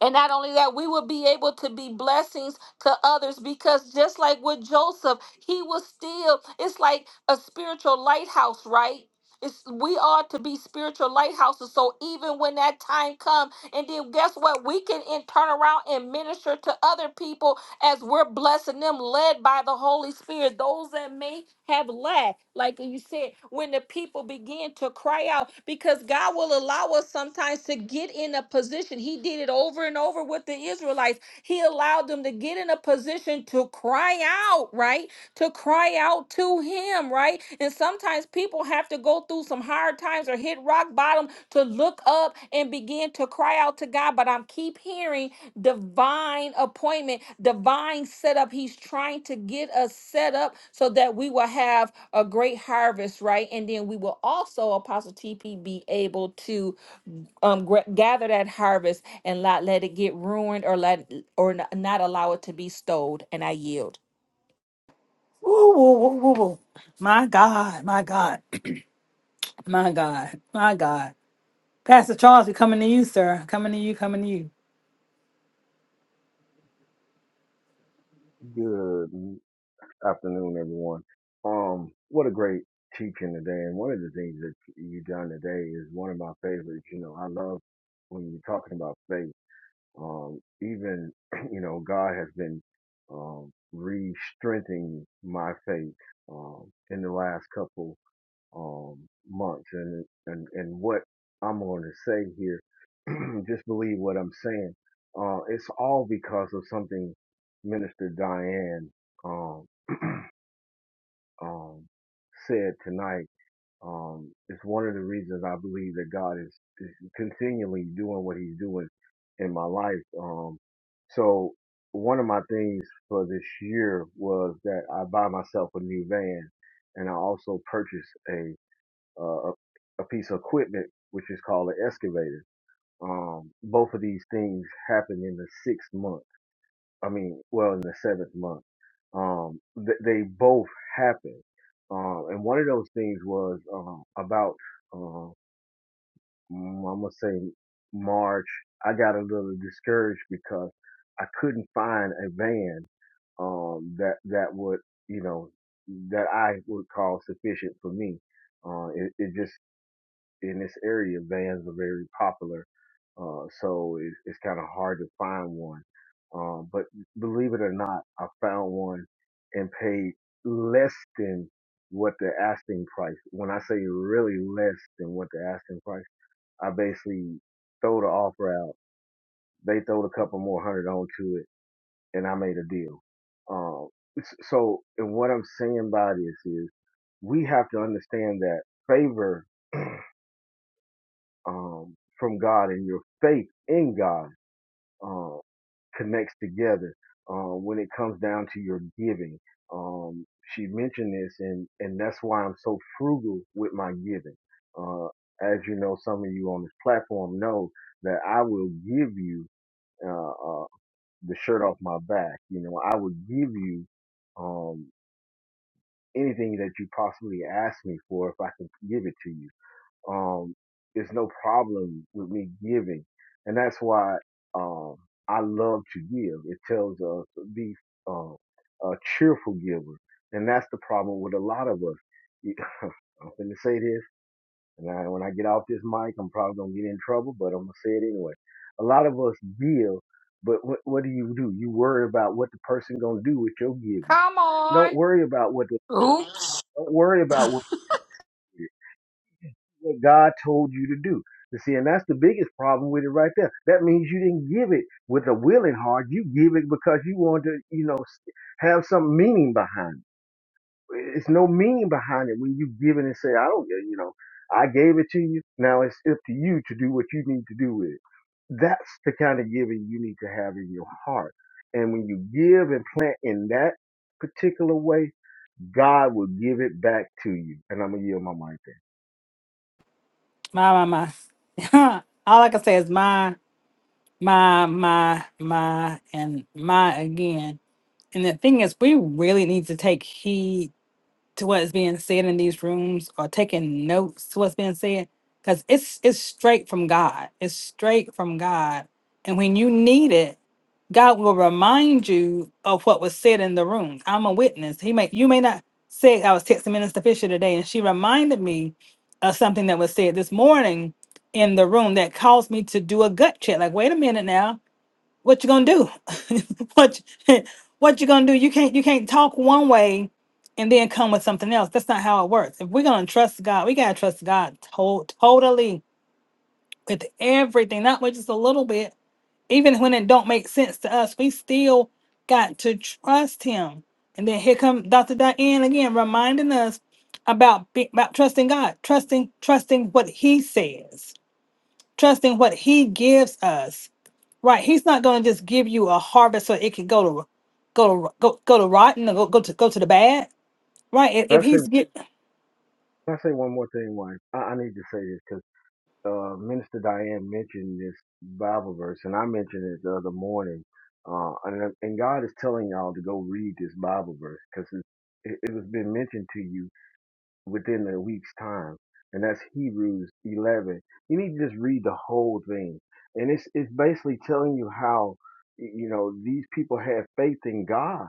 and not only that we will be able to be blessings to others because just like with joseph he was still it's like a spiritual lighthouse right it's, we are to be spiritual lighthouses. So even when that time comes, and then guess what? We can in, turn around and minister to other people as we're blessing them, led by the Holy Spirit. Those that may have lacked, like you said, when the people begin to cry out, because God will allow us sometimes to get in a position. He did it over and over with the Israelites. He allowed them to get in a position to cry out, right? To cry out to Him, right? And sometimes people have to go through some hard times or hit rock bottom to look up and begin to cry out to God. But I'm keep hearing divine appointment, divine setup. He's trying to get us set up so that we will have a great harvest, right? And then we will also, Apostle TP, be able to um gra- gather that harvest and not let it get ruined or let or n- not allow it to be stowed. And I yield.
Ooh, ooh, ooh, ooh, ooh. My God, my God, my God, my God. Pastor Charles, we coming to you, sir. Coming to you, coming to you.
Good afternoon, everyone. Um, what a great teaching today. And one of the things that you done today is one of my favorites. You know, I love when you're talking about faith. Um, even, you know, God has been, um, re-strengthening my faith, um, in the last couple um, months. And, and, and what I'm going to say here, just believe what I'm saying. Uh, it's all because of something Minister Diane, um, um, said tonight. Um, it's one of the reasons I believe that God is, is continually doing what he's doing in my life. Um, so one of my things for this year was that I buy myself a new van and I also purchased a uh, a, a piece of equipment, which is called an excavator. Um, both of these things happened in the sixth month. I mean, well, in the seventh month. Um, th- they both happened. Um, and one of those things was um, about, um, mm, I'm going to say March. I got a little discouraged because I couldn't find a van um, that, that would, you know, that I would call sufficient for me. Uh, it, it just in this area, vans are very popular. Uh, so it, it's kind of hard to find one. Um, but believe it or not, I found one and paid less than what the asking price. When I say really less than what the asking price, I basically throw the offer out. They throw a couple more hundred onto it and I made a deal. Um, s- so, and what I'm saying by this is we have to understand that favor um, from God and your faith in God um, connects together uh, when it comes down to your giving. Um, she mentioned this, and and that's why I'm so frugal with my giving. Uh, as you know, some of you on this platform know that I will give you uh, uh, the shirt off my back. You know, I will give you um, anything that you possibly ask me for if I can give it to you um, it's no problem with me giving, and that's why um, I love to give. It tells us to be um, a cheerful giver, and that's the problem with a lot of us. You- I'm gonna say this, and I, when I get off this mic, I'm probably gonna get in trouble, but I'm gonna say it anyway. A lot of us give, but what, what do you do? You worry about what the person gonna do with your giving.
Come
Don't
on.
worry about what the
Oops.
don't worry about what. what God told you to do. You see, and that's the biggest problem with it right there. That means you didn't give it with a willing heart. You give it because you want to, you know, have some meaning behind it. It's no meaning behind it when you give it and say, I don't you know, I gave it to you. Now it's up to you to do what you need to do with it. That's the kind of giving you need to have in your heart. And when you give and plant in that particular way, God will give it back to you. And I'm going to yield my mic there.
My, my, my. All I can say is my, my, my, my, and my again. And the thing is, we really need to take heed to what is being said in these rooms or taking notes to what's being said because it's it's straight from god it's straight from god and when you need it god will remind you of what was said in the room i'm a witness he may you may not say i was texting minister fisher today and she reminded me of something that was said this morning in the room that caused me to do a gut check like wait a minute now what you gonna do? what you- what you gonna do? You can't you can't talk one way and then come with something else. That's not how it works. If we're gonna trust God, we gotta trust God to- totally with everything, not with just a little bit. Even when it don't make sense to us, we still got to trust Him. And then here come Dr. Diane again, reminding us about be, about trusting God, trusting trusting what He says, trusting what He gives us Right. He's not going to just give you a harvest so it can go to go to go go to rotten or go go to go to the bad. Right. If, if
That's it.
he's get
Can I say one more thing, wife? I, I need to say this because uh, Minister Diane mentioned this Bible verse, and I mentioned it the other morning. Uh, and, and God is telling y'all to go read this Bible verse because it, it, it was been mentioned to you within a week's time, and that's Hebrews 11. You need to just read the whole thing, and it's it's basically telling you how y- you know these people had faith in God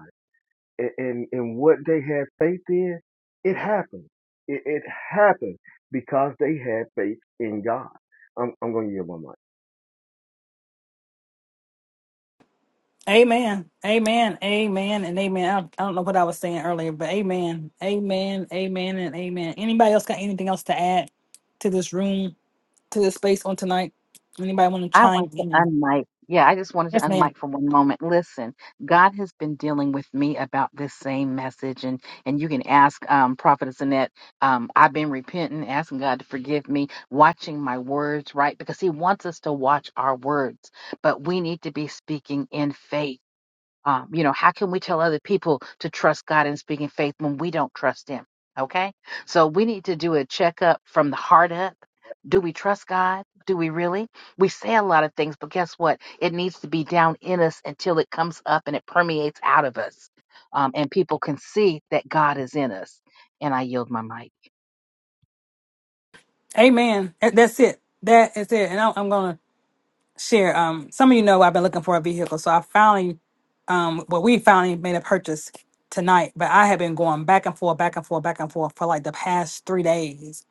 and, and, and what they had faith in, it happened. It, it happened because they had faith in God. I'm, I'm going to give my mic.
Amen. Amen. Amen. And amen. I, don't- I don't know what I was saying earlier, but amen. Amen. Amen and amen. Anybody else got anything else to add to this room, to this space on tonight? Anybody want to
I want
chime
to
in?
unmic. Yeah, I just wanted to
Yes, ma'am.
unmic for one moment. Listen, God has been dealing with me about this same message, and and you can ask um, Prophetess Annette. Um, I've been repenting, asking God to forgive me, watching my words, right? Because He wants us to watch our words, but we need to be speaking in faith. Um, you know, how can we tell other people to trust God and speak in faith when we don't trust Him? Okay. So we need to do a checkup from the heart up. Do we trust God? Do we really? We say a lot of things, but guess what? It needs to be down in us until it comes up and it permeates out of us. Um, and people can see that God is in us. And I yield my mic.
Amen. That- That's it. That is it. And I, I'm gonna share. Um, some of you know I've been looking for a vehicle, so I finally, um, well, we finally made a purchase tonight. But I have been going back and forth, back and forth, back and forth for like the past three days.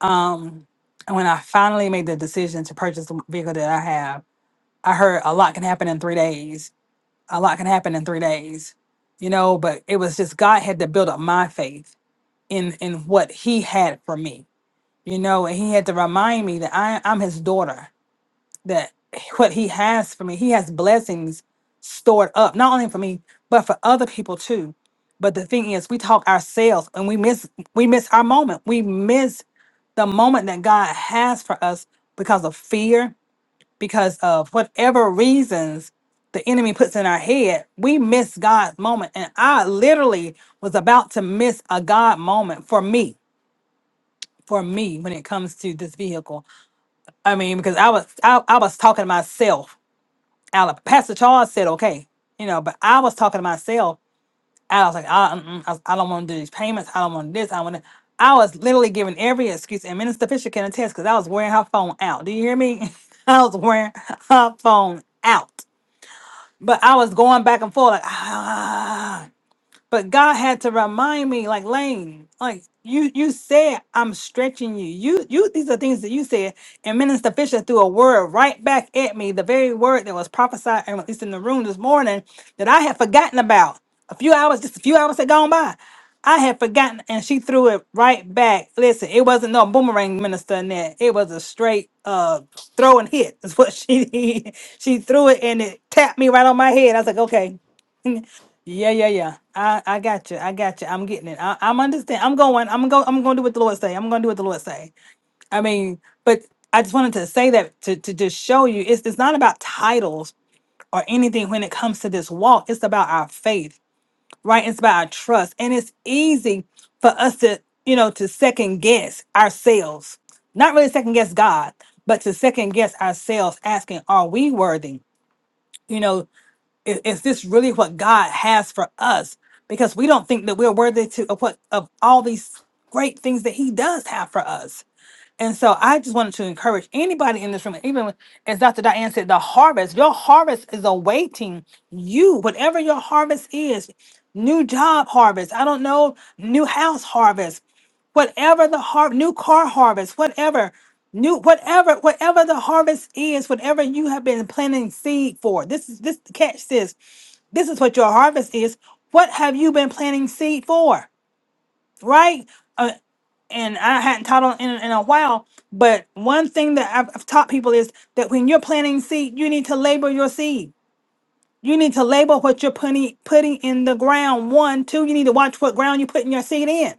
Um, and when I finally made the decision to purchase the vehicle that I have, I heard a lot can happen in three days. A lot can happen in three days, you know. But it was just God had to build up my faith in in what He had for me, you know, and He had to remind me that I I'm His daughter that what he has for me, he has blessings stored up, not only for me, but for other people too. But the thing is, we talk ourselves and we miss we miss our moment. We miss the moment that God has for us because of fear, because of whatever reasons the enemy puts in our head, we miss God's moment. And I literally was about to miss a God moment for me, for me when it comes to this vehicle. I mean, because I was I, I was talking to myself Alabama. Pastor Charles said, okay, you know, but I was talking to myself. I was like, I, mm-mm, I, was- I don't want to do these payments. I don't want this. I want to. I was literally giving every excuse, and Minister Fisher can attest because I was wearing her phone out. Do you hear me? I was wearing her phone out, but I was going back and forth like, ah. But God had to remind me, like Lane, like you you said I'm stretching you. You you these are things that you said. And Minister Fisher threw a word right back at me, the very word that was prophesied, and at least in the room this morning, that I had forgotten about. A few hours, just a few hours had gone by. I had forgotten, and she threw it right back. Listen, it wasn't no boomerang minister in It was a straight uh throw and hit. Is what she did. She threw it and it tapped me right on my head. I was like, okay, yeah, yeah, yeah. I, I got you. I got you. I'm getting it. I, I'm understand. I'm going. I'm going. I'm going to do what the Lord say. I'm going to do what the Lord say. I mean, but I just wanted to say that to, to just show you, it's it's not about titles or anything when it comes to this walk. It's about our faith, right? It's about our trust, and it's easy for us to you know to second guess ourselves. Not really second guess God, but to second guess ourselves, asking, "Are we worthy?" You know, is, is this really what God has for us? Because we don't think that we're worthy to of what of all these great things that He does have for us. And so I just wanted to encourage anybody in this room, even as Dr. Diane said, the harvest, your harvest is awaiting you, whatever your harvest is, new job harvest, I don't know, new house harvest, whatever the har- new car harvest, whatever, new whatever, whatever the harvest is, whatever you have been planting seed for. This is this catch this. This is what your harvest is. What have you been planting seed for? Right? Uh, and I hadn't taught on in, in a while. But one thing that I've, I've taught people is that when you're planting seed, you need to label your seed. You need to label what you're putting putting in the ground. One, two, you need to watch what ground you're putting your seed in,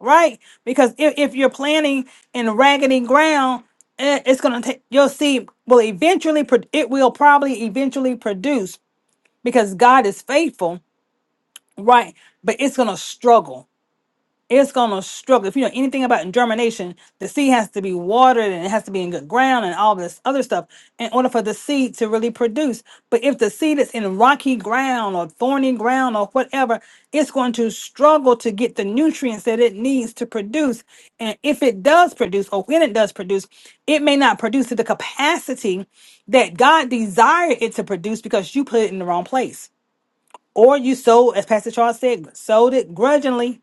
right? Because if, if you're planting in raggedy ground, eh, it's gonna take your seed will eventually pro- it will probably eventually produce because God is faithful, right? But it's gonna struggle it's gonna struggle. If you know anything about germination, the seed has to be watered and it has to be in good ground and all this other stuff in order for the seed to really produce. But if the seed is in rocky ground or thorny ground or whatever, it's going to struggle to get the nutrients that it needs to produce. And if it does produce, or when it does produce, it may not produce to the capacity that God desired it to produce because you put it in the wrong place. Or you sold, as Pastor Charles said, sold it grudgingly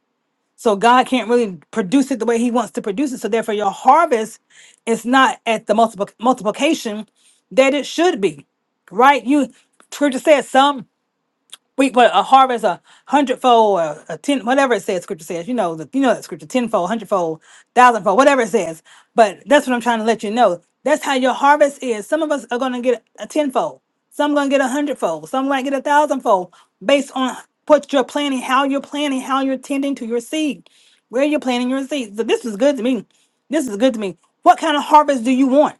so God can't really produce it the way He wants to produce it. So therefore, your harvest is not at the multiple multiplication that it should be, right? You Scripture says some. We but a harvest a hundredfold or a ten whatever it says scripture says, you know, the, you know that scripture, tenfold, hundredfold, thousandfold, whatever it says. But that's what I'm trying to let you know. That's how your harvest is. Some of us are gonna get a tenfold, some gonna get a hundredfold, some might get a thousandfold based on what you're planting, how you're planting, how you're tending to your seed, where you're planting your seed. So this is good to me. This is good to me. What kind of harvest do you want?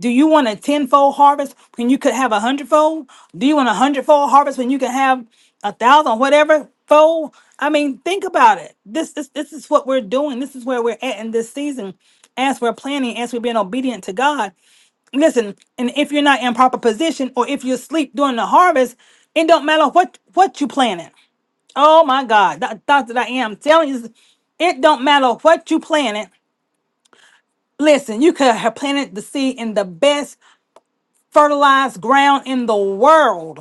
Do you want a tenfold harvest when you could have a hundredfold? Do you want a hundredfold harvest when you can have a thousand, whatever fold? I mean, think about it. This, this this is what we're doing. This is where we're at in this season, as we're planning, as we're being obedient to God. Listen, and if you're not in proper position or if you sleep during the harvest, it don't matter what what you planning. Oh my God, that, Dr. Diane, I'm telling you, it don't matter what you planted. Listen, you could have planted the seed in the best fertilized ground in the world.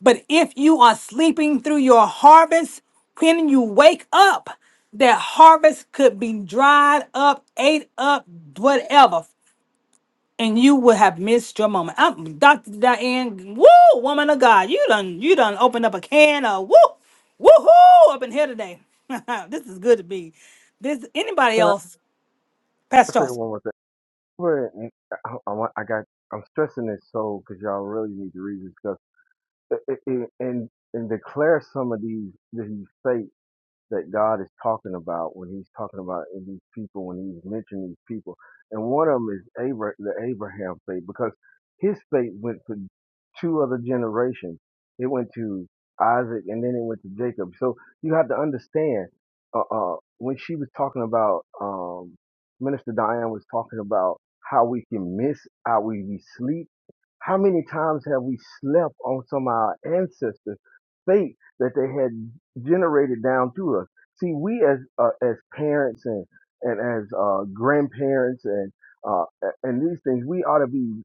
But if you are sleeping through your harvest, when you wake up, that harvest could be dried up, ate up, whatever, and you would have missed your moment. I'm, Dr. Diane, woo, woman of God, you done, you done opened up a can of woo, woohoo up in here today. this is good to be. This anybody
Can I
else,
say
Pastor?
one more thing? Where- I, I, want- I got, I'm stressing this so because y'all really need to read this stuff and, and and declare some of these these faith. that God is talking about when he's talking about in these people, when he's mentioning these people. And one of them is Abra- the Abraham faith because his faith went to two other generations. It went to Isaac and then it went to Jacob. So you have to understand uh, uh, when she was talking about, um, Minister Diane was talking about how we can miss, how we, we sleep. How many times have we slept on some of our ancestors' faith that they had generated down through us. See, we as uh, as parents and and as uh, grandparents and uh, a- and these things, we ought to be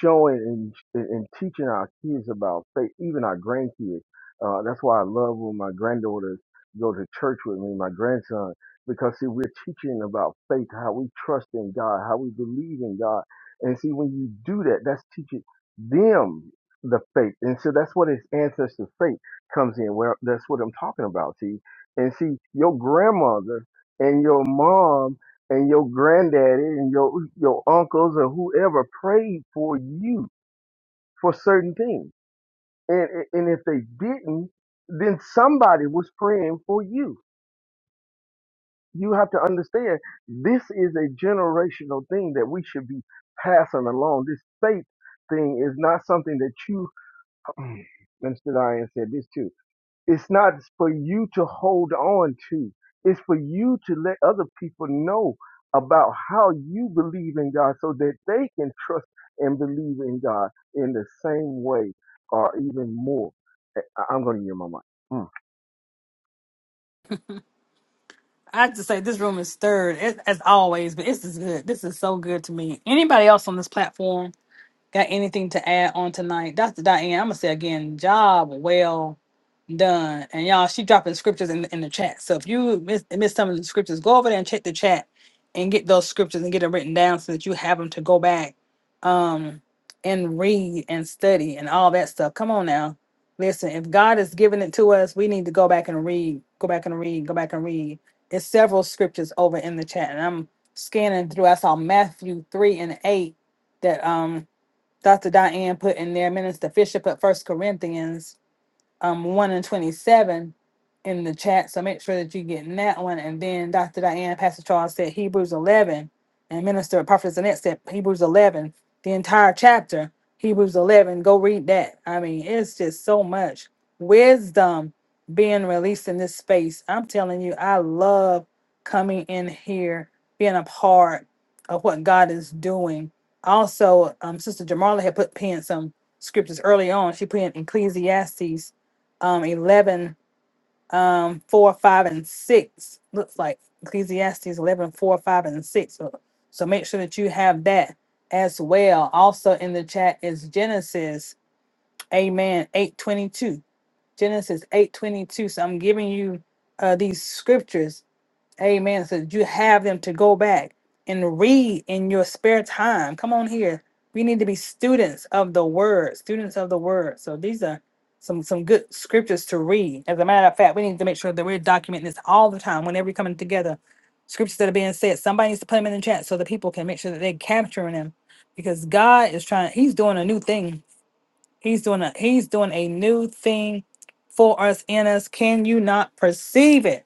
showing and and and teaching our kids about faith, even our grandkids. Uh, that's why I love when my granddaughters go to church with me, my grandson, because see, we're teaching about faith, how we trust in God, how we believe in God, and see, when you do that, that's teaching them the faith, and so that's what is ancestor faith comes in. Well, that's what I'm talking about. See, and see, your grandmother and your mom and your granddaddy and your your uncles or whoever prayed for you for certain things, and and if they didn't, then somebody was praying for you. You have to understand this is a generational thing that we should be passing along. This faith thing is not something that you. Mr. Diane said this too It's not for you to hold on to. It's for you to let other people know about how you believe in God so that they can trust and believe in God in the same way or even more. I- I'm going to use my mic. Mm.
I have to say this room is stirred it, as always, but this is good. This is so good to me. Anybody else on this platform got anything to add on tonight? Dr. Diane, I'm gonna say again, job well done. And y'all, she dropping scriptures in, the, in the chat. So if you miss, miss some of the scriptures, go over there and check the chat and get those scriptures and get them written down so that you have them to go back um, and read and study and all that stuff. Come on now. Listen, if God is giving it to us, we need to go back and read, go back and read, go back and read. It's several scriptures over in the chat. And I'm scanning through. I saw Matthew 3 and 8 that um Dr. Diane put in there. Minister Fisher put First Corinthians um one and twenty seven in the chat. So make sure that you're getting that one. And then Dr. Diane, Pastor Charles said Hebrews eleven, and Minister Prophet Zanette said Hebrews eleven, the entire chapter, Hebrews eleven. Go read that. I mean, it's just so much wisdom being released in this space. I'm telling you, I love coming in here, being a part of what God is doing. Also, um, Sister Jamarla had put penned some scriptures early on. She put in Ecclesiastes um 11 um 4 5 and 6 looks like ecclesiastes eleven, four, 5 and 6 so, so make sure that you have that as well also in the chat is genesis amen 822 genesis 822 so i'm giving you uh these scriptures Amen. So that you have them to go back and read in your spare time. Come on here. We need to be students of the word, students of the word. So these are some some good scriptures to read. As a matter of fact, we need to make sure that we're documenting this all the time whenever we're coming together. Scriptures that are being said, somebody needs to put them in the chat so the people can make sure that they're capturing them. Because God is trying, He's doing a new thing. He's doing a He's doing a new thing for us in us. Can you not perceive it?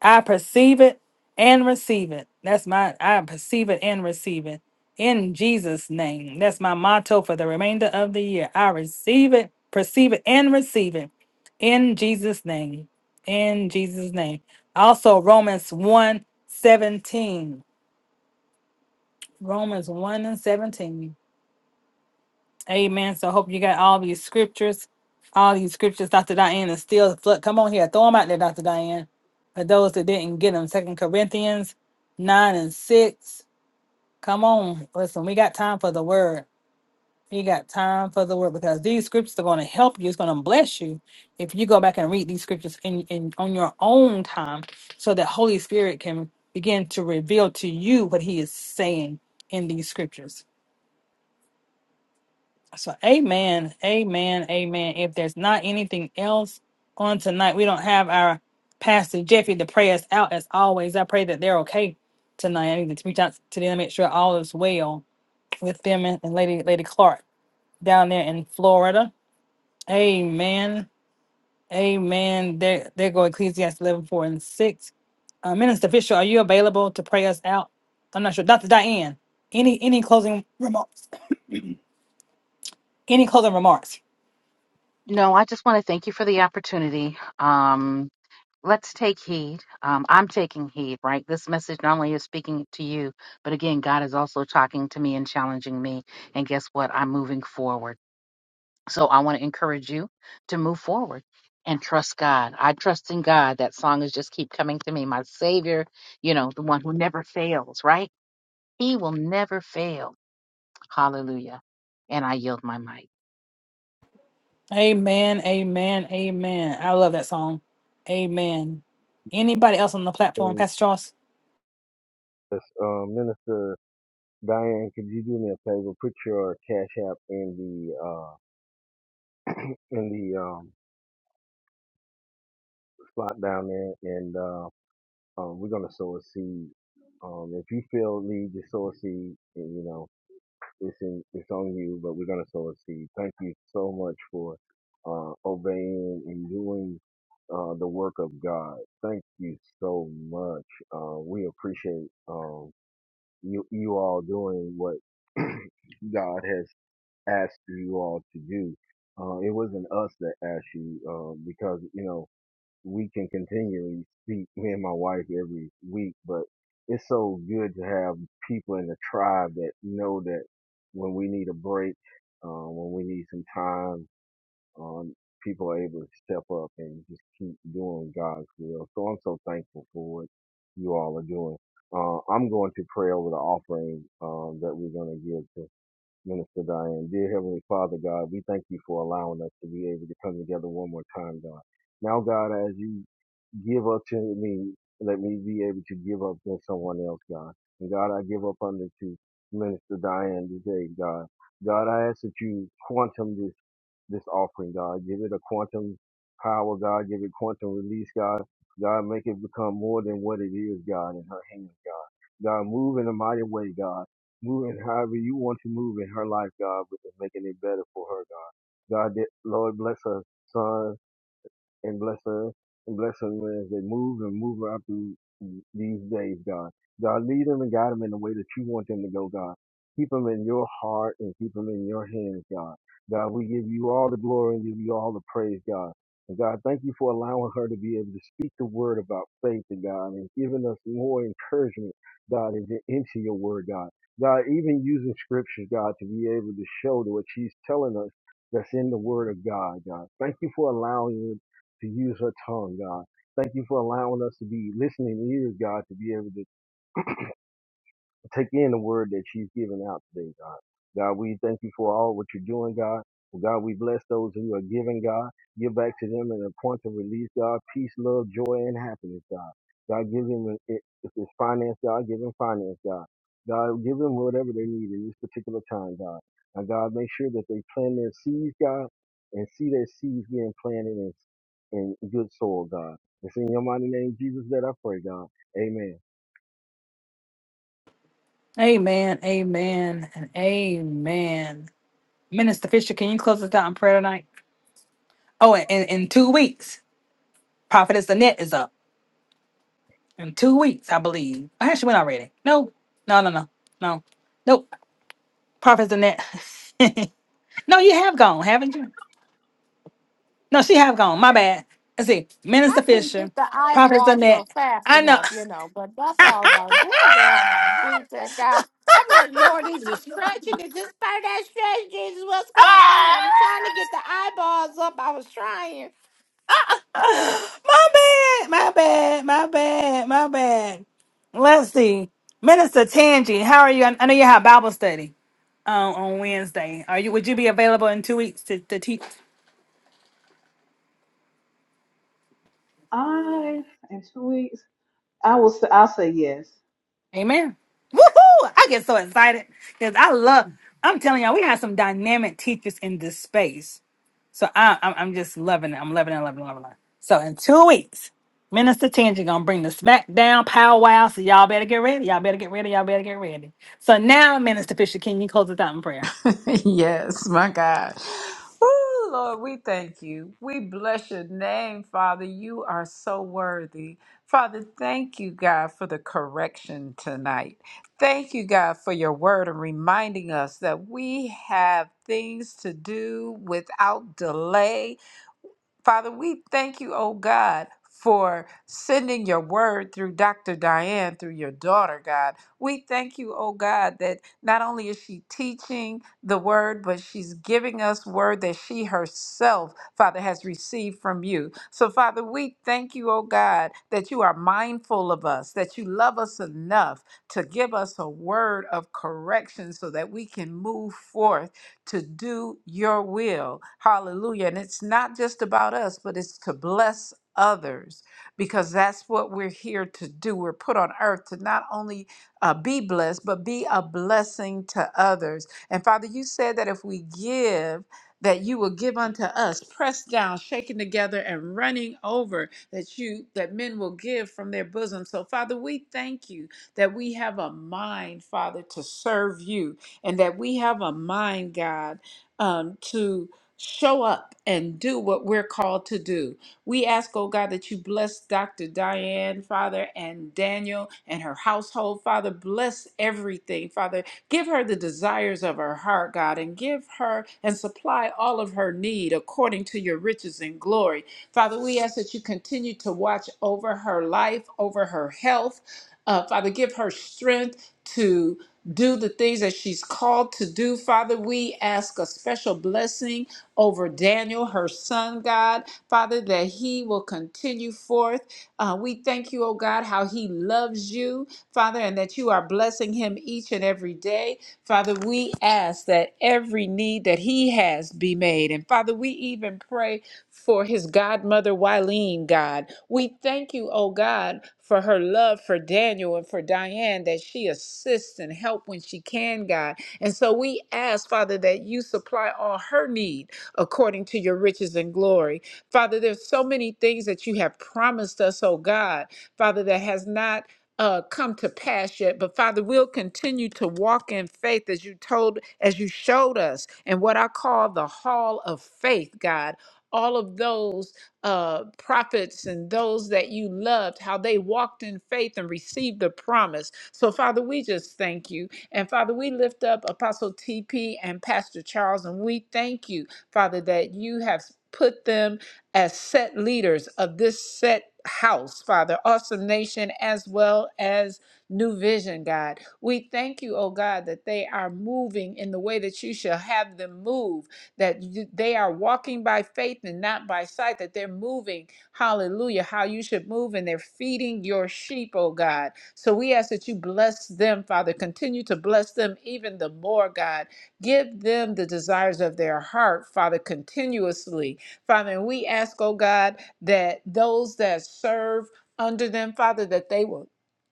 I perceive it and receive it. That's my I perceive it and receive it in Jesus' name. That's my motto for the remainder of the year. I receive it, perceive it, and receive it in Jesus' name. In Jesus' name. Also, Romans one 17, Romans 1 and 17. Amen. So hope you got all these scriptures. All these scriptures, Dr. Diane, is still flood. Come on here, throw them out there, Dr. Diane. For those that didn't get them, Second Corinthians nine and six. Come on, listen. We got time for the word. We got time for the word because these scriptures are going to help you. It's going to bless you if you go back and read these scriptures in, in on your own time, so that Holy Spirit can begin to reveal to you what He is saying in these scriptures. So, amen, amen, amen. If there's not anything else on tonight, we don't have our Pastor Jeffy to pray us out as always. I pray that they're okay tonight. I need to reach out to them, make sure all is well with them and, and Lady Lady Clark down there in Florida. Amen, amen. There, there go Ecclesiastes 11 4 and 6. Uh, Minister Fisher, are you available to pray us out? I'm not sure. Dr. Diane, any any closing remarks? Any closing remarks?
No, I just want to thank you for the opportunity. Um, Let's take heed. Um, I'm taking heed, right? This message not only is speaking to you, but again, God is also talking to me and challenging me. And guess what? I'm moving forward. So I want to encourage you to move forward and trust God. I trust in God. That song is just keep coming to me. My Savior, you know, the one who never fails, right? He will never fail. Hallelujah. And I yield my mic.
Amen, amen, amen. I love that song. Amen. Anybody else on the platform,
And
Pastor Charles?
yes, uh, Minister Diane, could you do me a favor? Put your cash app in the uh, in the um, slot down there, and uh, um, we're going to sow a seed. Um, if you feel need to sow a seed, and, you know, It's in, it's on you, but we're gonna sow a seed. Thank you so much for uh, obeying and doing uh, the work of God. Thank you so much. Uh, we appreciate um, you you all doing what God has asked you all to do. Uh, it wasn't us that asked you uh, because you know we can continually speak, me and my wife every week, but it's so good to have people in the tribe that know that when we need a break, uh, when we need some time, um, people are able to step up and just keep doing God's will. So I'm so thankful for what you all are doing. Uh, I'm going to pray over the offering um, that we're going to give Minister Diane. Dear Heavenly Father, God, we thank you for allowing us to be able to come together one more time, God. Now, God, as you give up to me, let me be able to give up to someone else, God. And God, I give up unto Minister Diane today, God. God, I ask that you quantum this this offering, God. Give it a quantum power, God. Give it quantum release, God. God, make it become more than what it is, God, in her hands, God. God, move in a mighty way, God. Move in however you want to move in her life, God, but it's making it better for her, God. God, that, Lord, bless her son and bless us and bless them as they move and move out through these days, God. God, lead them and guide them in the way that you want them to go, God. Keep them in your heart and keep them in your hands, God. God, we give you all the glory and give you all the praise, God. And God, thank you for allowing her to be able to speak the word about faith and God and giving us more encouragement, God, into into your word, God. God, even using scriptures, God, to be able to show to what she's telling us that's in the word of God, God. Thank you for allowing to use her tongue, God. Thank you for allowing us to be listening ears, God, to be able to take in the word that you've given out today, God. God, we thank you for all what you're doing, God. Well, God, we bless those who are giving, God. Give back to them in a point of release, God. Peace, love, joy, and happiness, God. God, give them, eh, eh, if it's finance, God, give them finance, God. God, give them whatever they need in this particular time, God. And God, make sure that they plant their seeds, God, and see their seeds being planted in, in good soil, God. It's in your mighty name, Jesus, that I pray, God. Amen.
Amen, amen, and amen. Minister Fisher, can you close us out in prayer tonight? Oh, and in, in two weeks, Prophetess Annette is up. In two weeks, I believe. I actually went already. No, no, no, no, no. Nope. Prophetess Annette. no, you have gone, haven't you? No, she have gone. My bad. Let's see. Minister
I couldn't get
Fisher,
the
Prophetess
eyeballs
Annette.
up fast
I know.
enough, you know, but that's all right. Glory be to God. I'm like, Lord, is it stretching? Is this part that stretch? Jesus, what's going on? I'm trying to get the eyeballs up. I was trying.
my bad, my bad, my bad, my bad. Let's see. Minister Tangi, how are you? I I know you have Bible study um, on Wednesday. Are you? Would you be available in two weeks to, to teach?
I in two weeks, I will. Say, I'll say yes.
Amen. Woohoo! I get so excited because I love. I'm telling y'all, we have some dynamic teachers in this space. So I, I'm, I'm just loving it. I'm loving it, loving it, loving it. So in two weeks, Minister Tangi gonna bring the SmackDown powwow. So y'all better get ready. Y'all better get ready. Y'all better get ready. So now, Minister Fisher, can you close us out in prayer?
yes, my God. Oh, Lord, we thank you. We bless your name, Father. You are so worthy. Father, thank you, God, for the correction tonight. Thank you, God, for your word and reminding us that we have things to do without delay Father, we thank you, oh God, for sending your word through Dr. Diane, through your daughter, God. We thank you, oh God, that not only is she teaching the word, but she's giving us word that she herself, Father, has received from you. So, Father, we thank you, oh God, that you are mindful of us, that you love us enough to give us a word of correction so that we can move forth to do your will. Hallelujah. And it's not just about us, but it's to bless others because that's what we're here to do. We're put on earth to not only uh, be blessed, but be a blessing to others. And Father, you said that if we give, that you will give unto us pressed down shaken together and running over that you that men will give from their bosom so father we thank you that we have a mind father to serve you and that we have a mind, God, um, to show up and do what we're called to do. We ask, oh God, that you bless Dr. Diane, Father, and Daniel and her household, Father. Bless everything, Father. Give her the desires of her heart, God, and give her and supply all of her need according to your riches and glory. Father, we ask that you continue to watch over her life, over her health. Uh, Father, give her strength to do the things that she's called to do. Father, we ask a special blessing over Daniel, her son, God. Father, that he will continue forth. Uh, we thank you, oh God, how he loves you, Father, and that you are blessing him each and every day. Father, we ask that every need that he has be made. And Father, we even pray for his godmother, Wileen, God. We thank you, oh God, for her love for Daniel and for Diane, that she assists and help when she can, God. And so we ask, Father, that you supply all her need according to your riches and glory. Father, there's so many things that you have promised us, oh God, Father, that has not uh, come to pass yet, but Father, we'll continue to walk in faith as you told, as you showed us, and what I call the hall of faith, God all of those uh, prophets and those that you loved, how they walked in faith and received the promise. So, Father, we just thank you. And Father, we lift up Apostle TP and Pastor Charles, and we thank you, Father, that you have put them as set leaders of this set house, Father, awesome nation as well as new vision, God. We thank you, oh God, that they are moving in the way that you shall have them move that you- they are walking by faith and not by sight, that they're moving, hallelujah, how you should move, and they're feeding your sheep, oh God. So we ask that you bless them, Father. Continue to bless them even the more, God. Give them the desires of their heart, Father, continuously. Father, and we ask, oh God, that those that serve under them, Father, that they will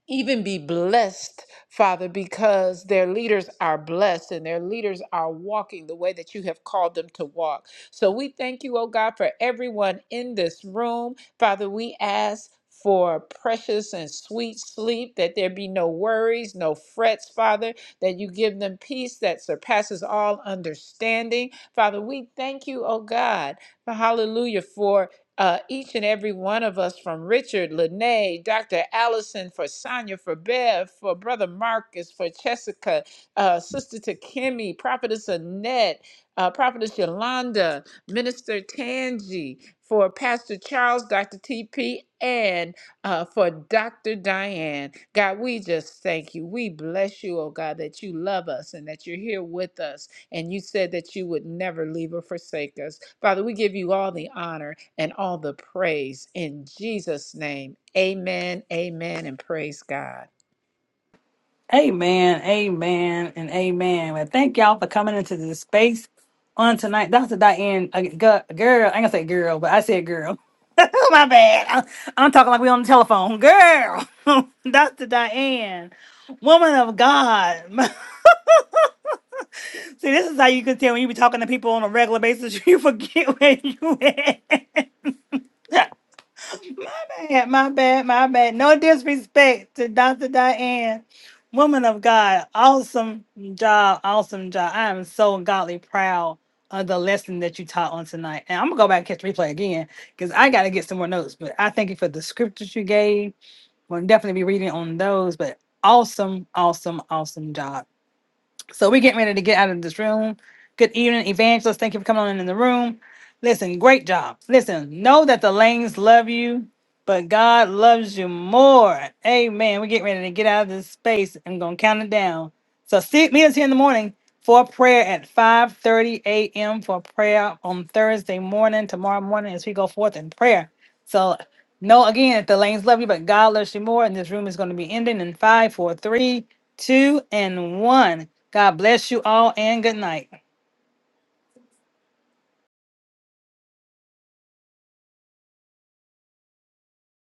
even be blessed Father, because their leaders are blessed and their leaders are walking the way that you have called them to walk. So we thank you, oh God, for everyone in this room. Father, we ask. For precious and sweet sleep, that there be no worries, no frets, Father, that you give them peace that surpasses all understanding. Father, we thank you, oh God, for hallelujah, for uh, each and every one of us from Richard, Lene, Dr. Allison, for Sonia, for Bev, for Brother Marcus, for Jessica, uh, Sister Takemi, Prophetess Annette, uh, Prophetess Yolanda, Minister Tangi, for Pastor Charles, Dr. TP, and uh, for Dr. Diane. God, we just thank you. We bless you, oh God, that you love us and that you're here with us and you said that you would never leave or forsake us. Father, we give you all the honor and all the praise in Jesus' name. Amen, amen, and praise God.
Amen, amen, and amen. Well, thank y'all for coming into this space on tonight. Dr. Diane, a gu- girl, I ain't gonna say girl, but I said girl. My bad. I'm, I'm talking like we on the telephone. Girl, Dr. Diane, woman of God. See, this is how you can tell when you be talking to people on a regular basis, you forget where you at. my bad, my bad, my bad. No disrespect to Dr. Diane, woman of God. Awesome job, awesome job. I am so godly proud of the lesson that you taught on tonight. And I'm gonna go back and catch the replay again because I gotta get some more notes. But I thank you for the scriptures you gave. We'll definitely be reading on those. But awesome, awesome, awesome job. So we're getting ready to get out of this room. Good evening, Evangelist. Thank you for coming on in the room. Listen, great job. Listen, know that the lanes love you, but God loves you more. Amen. We're getting ready to get out of this space. I'm gonna count it down. So see, meet us here in the morning for prayer at 5:30 a.m. for prayer on Thursday morning, tomorrow morning, as we go forth in prayer. So know again that the lanes love you, but God loves you more. And this room is going to be ending in five, four, three two, and one. God bless you all and good night.